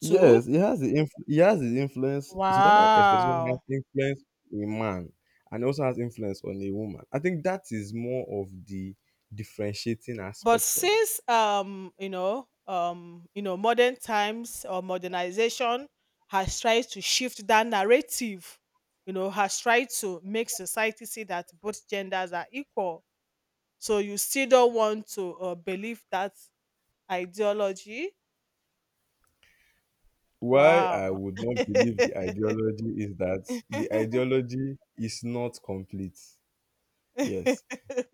too.
Yes, it has the inf- it has the influence. Societal expectation has
Wow.
influence on a man, and also has influence on a woman. I think that is more of the differentiating
But
aspect of it.
since um, you know, um, you know, modern times or modernization has tried to shift that narrative, you know, has tried to make society see that both genders are equal. So you still don't want to uh, believe that ideology?
Why I
Wow.
would not believe the ideology is that the ideology is not complete. Yes.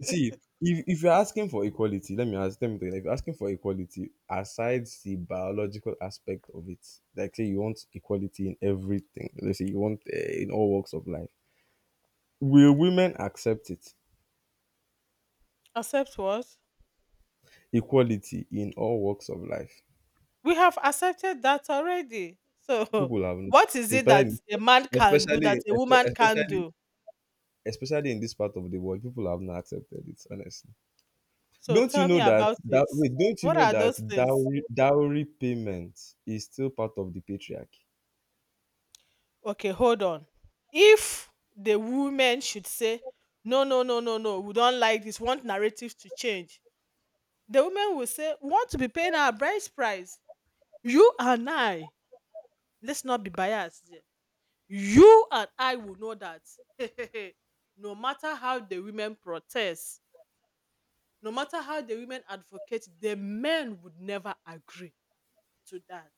See, if if you're asking for equality, let me ask, let me tell you, if you're asking for equality, aside the biological aspect of it, like say you want equality in everything, let's say you want, uh, in all walks of life, will women accept it?
Accept what?
Equality in all walks of life.
We have accepted that already. So
People have not,
what is it that
especially
a man can do
especially
that a woman can
especially
do?
especially in this part of the world, people have not accepted it. Honestly,
So
don't you
tell
know
me
that
about
that
it.
wait, don't you
What
know
are
that
those things?
dowry dowry payment is still part of the patriarchy?
Okay, hold on. If the woman should say, no, no, no, no, no, we don't like this, want narrative to change, the woman will say, we want to be paying our bride price. You and I, let's not be biased here. You and I will know that no matter how the women protest, no matter how the women advocate, the men would never agree to that.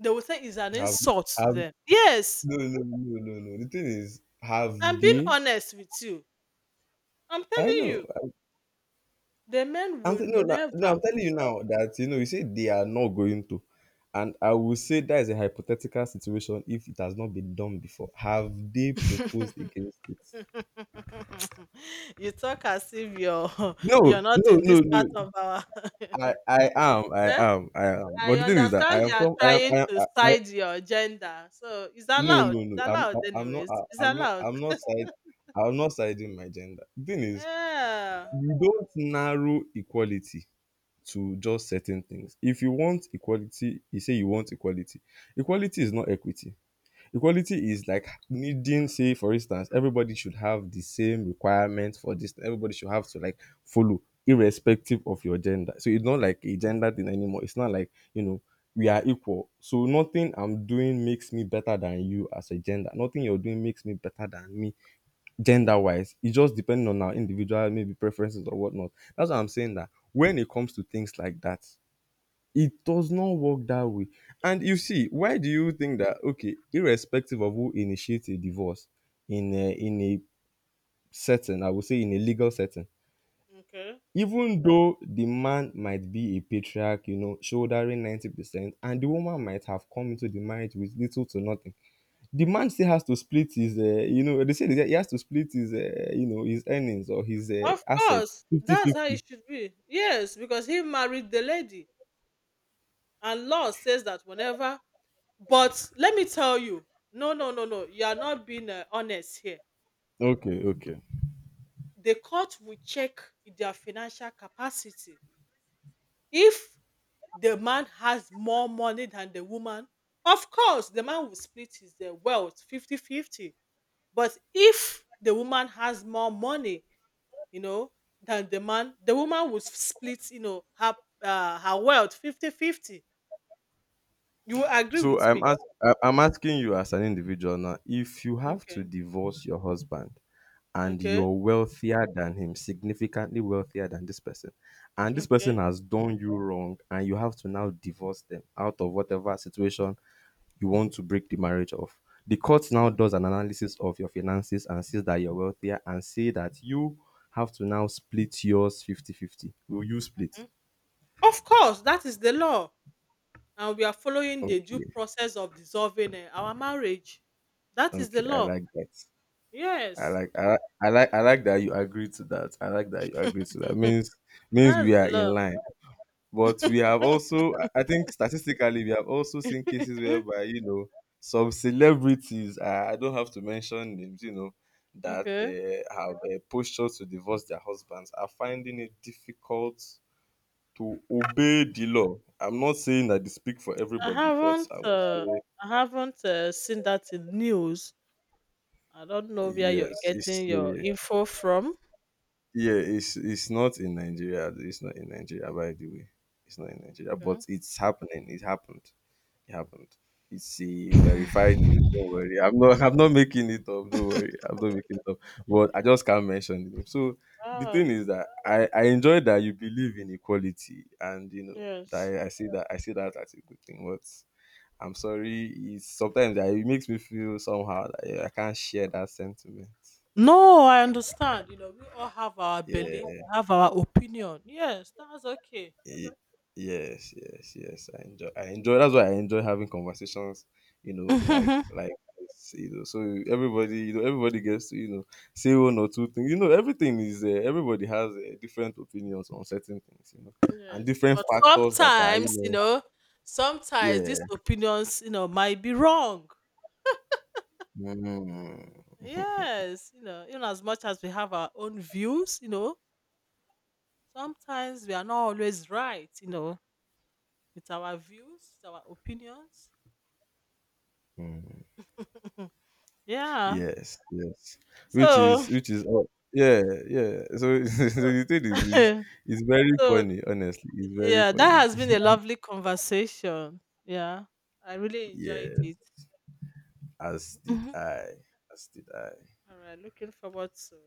They will say it's an
Have,
insult to
have,
them. Yes,
no, no, no, no, no. no. The thing is, have
I'm being
they?
honest with you. I'm
I
telling
know.
you,
I'm,
the men
I'm telling-
would
no, no, no,
never.
I'm telling you now that, you know, you say they are not going to, and I will say that is a hypothetical situation if it has not been done before. Have they proposed against it?
You talk as if you're
No,
you're not
no,
in
no,
this part
no.
of our
I, I am, I
Eh?
am, I am.
I
But the thing is that I
understand
am
you are
some, I am,
trying
I, am,
to
I, I
side your gender, so it's
no,
allowed.
no, no.
It's
I'm,
allowed,
I, I'm not,
anyways. It's
I, I'm not,
allowed.
I'm not side, I'm not siding my gender. The thing is,
Yeah.
you don't narrow equality to just certain things. If you want equality, you say you want equality. Equality is not equity. Equality is like needing, say, for instance, everybody should have the same requirements for this. Everybody should have to, like, follow, irrespective of your gender. So it's not like a gender thing anymore. It's not like, you know, we are equal. So nothing I'm doing makes me better than you as a gender. Nothing you're doing makes me better than me gender wise. It just depends on our individual maybe preferences or whatnot. That's what I'm saying, that when it comes to things like that, it does not work that way. And you see, why do you think that, okay, irrespective of who initiates a divorce in a in a setting, I would say in a legal setting,
Okay.
even though the man might be a patriarch, you know, shouldering ninety percent and the woman might have come into the marriage with little to nothing, the man still has to split his, uh, you know, they say that he has to split his, uh, you know, his earnings or his, uh,
Of
assets
course, that's how
fifty-fifty.
it should be. Yes, because he married the lady, and law says that whenever. But let me tell you, no, no, no, no. You are not being uh, honest here.
Okay, okay.
The court will check their financial capacity. If the man has more money than the woman, of course, the man will split his uh, wealth fifty-fifty. But if the woman has more money, you know, than the man, the woman will split, you know, her, uh, her wealth fifty-fifty. You will agree
So
with
I'm
me.
ask, I- I'm asking you as an individual now, if you have to
Okay.
divorce your husband and
Okay.
you're wealthier than him, significantly wealthier than this person, and this person
Okay.
has done you wrong and you have to now divorce them, out of whatever situation you want to break the marriage off. The court now
Mhm,
does an analysis of your finances and sees that you're wealthier and say that you have to now split yours fifty-fifty. Will you split?
mhm. Of course, that is the law. And we are following the due
Okay.
process of dissolving uh, our marriage. That is the
Okay. I
law.
like that. I
Yes.
like I, I like, I like that you agree to that. I like that you agree to that. Means means
That's
we are
the
in
law.
line. But we have also, I I think statistically, we have also seen cases
Mhm.
whereby, you know, some celebrities, uh, I don't have to mention names, you know, that,
Okay.
uh, have, uh, postures to divorce their husbands are finding it difficult to obey the law. I'm not saying that they speak for
I
everybody, but
haven't
I would
uh,
say,
I haven't uh, seen that in news. I don't know where you're
yes, it's,
getting your
uh,
info from.
yeah, it's, it's not in Nigeria. It's not in Nigeria, by the way. It's not in Nigeria,
Okay.
but it's happening. It happened. It happened. It's a verified news. Don't worry. I'm not I'm not making it up. Don't worry. I'm not making it up. But I just can't mention the name. So the
Ah,
thing is that I, I enjoy that you believe in equality, and you know that
yes.
I, I see that, I see that as a good thing. But I'm sorry, it's sometimes that it makes me feel somehow that, yeah, I can't share that sentiment.
No, I understand. You know, we all have our
Yeah.
belief, we have our opinion. Yes, that's okay.
Y- yes, yes yes I enjoy, i enjoy that's why I enjoy having conversations, you know, like
Mhm.
like this, you know. So everybody, you know, everybody gets to, you know, say one or two things, you know. Everything is, uh, everybody has, uh, different opinions on certain things, you know, and
Yes,
different
but
factors that are, you
sometimes, you
know,
know, sometimes
yeah.
these opinions, you know, might be wrong.
Mm.
Yes, you know, even as much as we have our own views, you know, sometimes we are not always right, you know. It's our views, it's our opinions.
Mm.
Yeah.
yes yes, which
So,
is, which is oh, yeah, yeah. So so the thing is is
so
is very funny. Honestly, it's very
yeah, that
funny.
has been a lovely conversation. Yeah. I really enjoyed
Yeah.
it.
As did
Mhm.
I. As did I.
All right. Looking forward to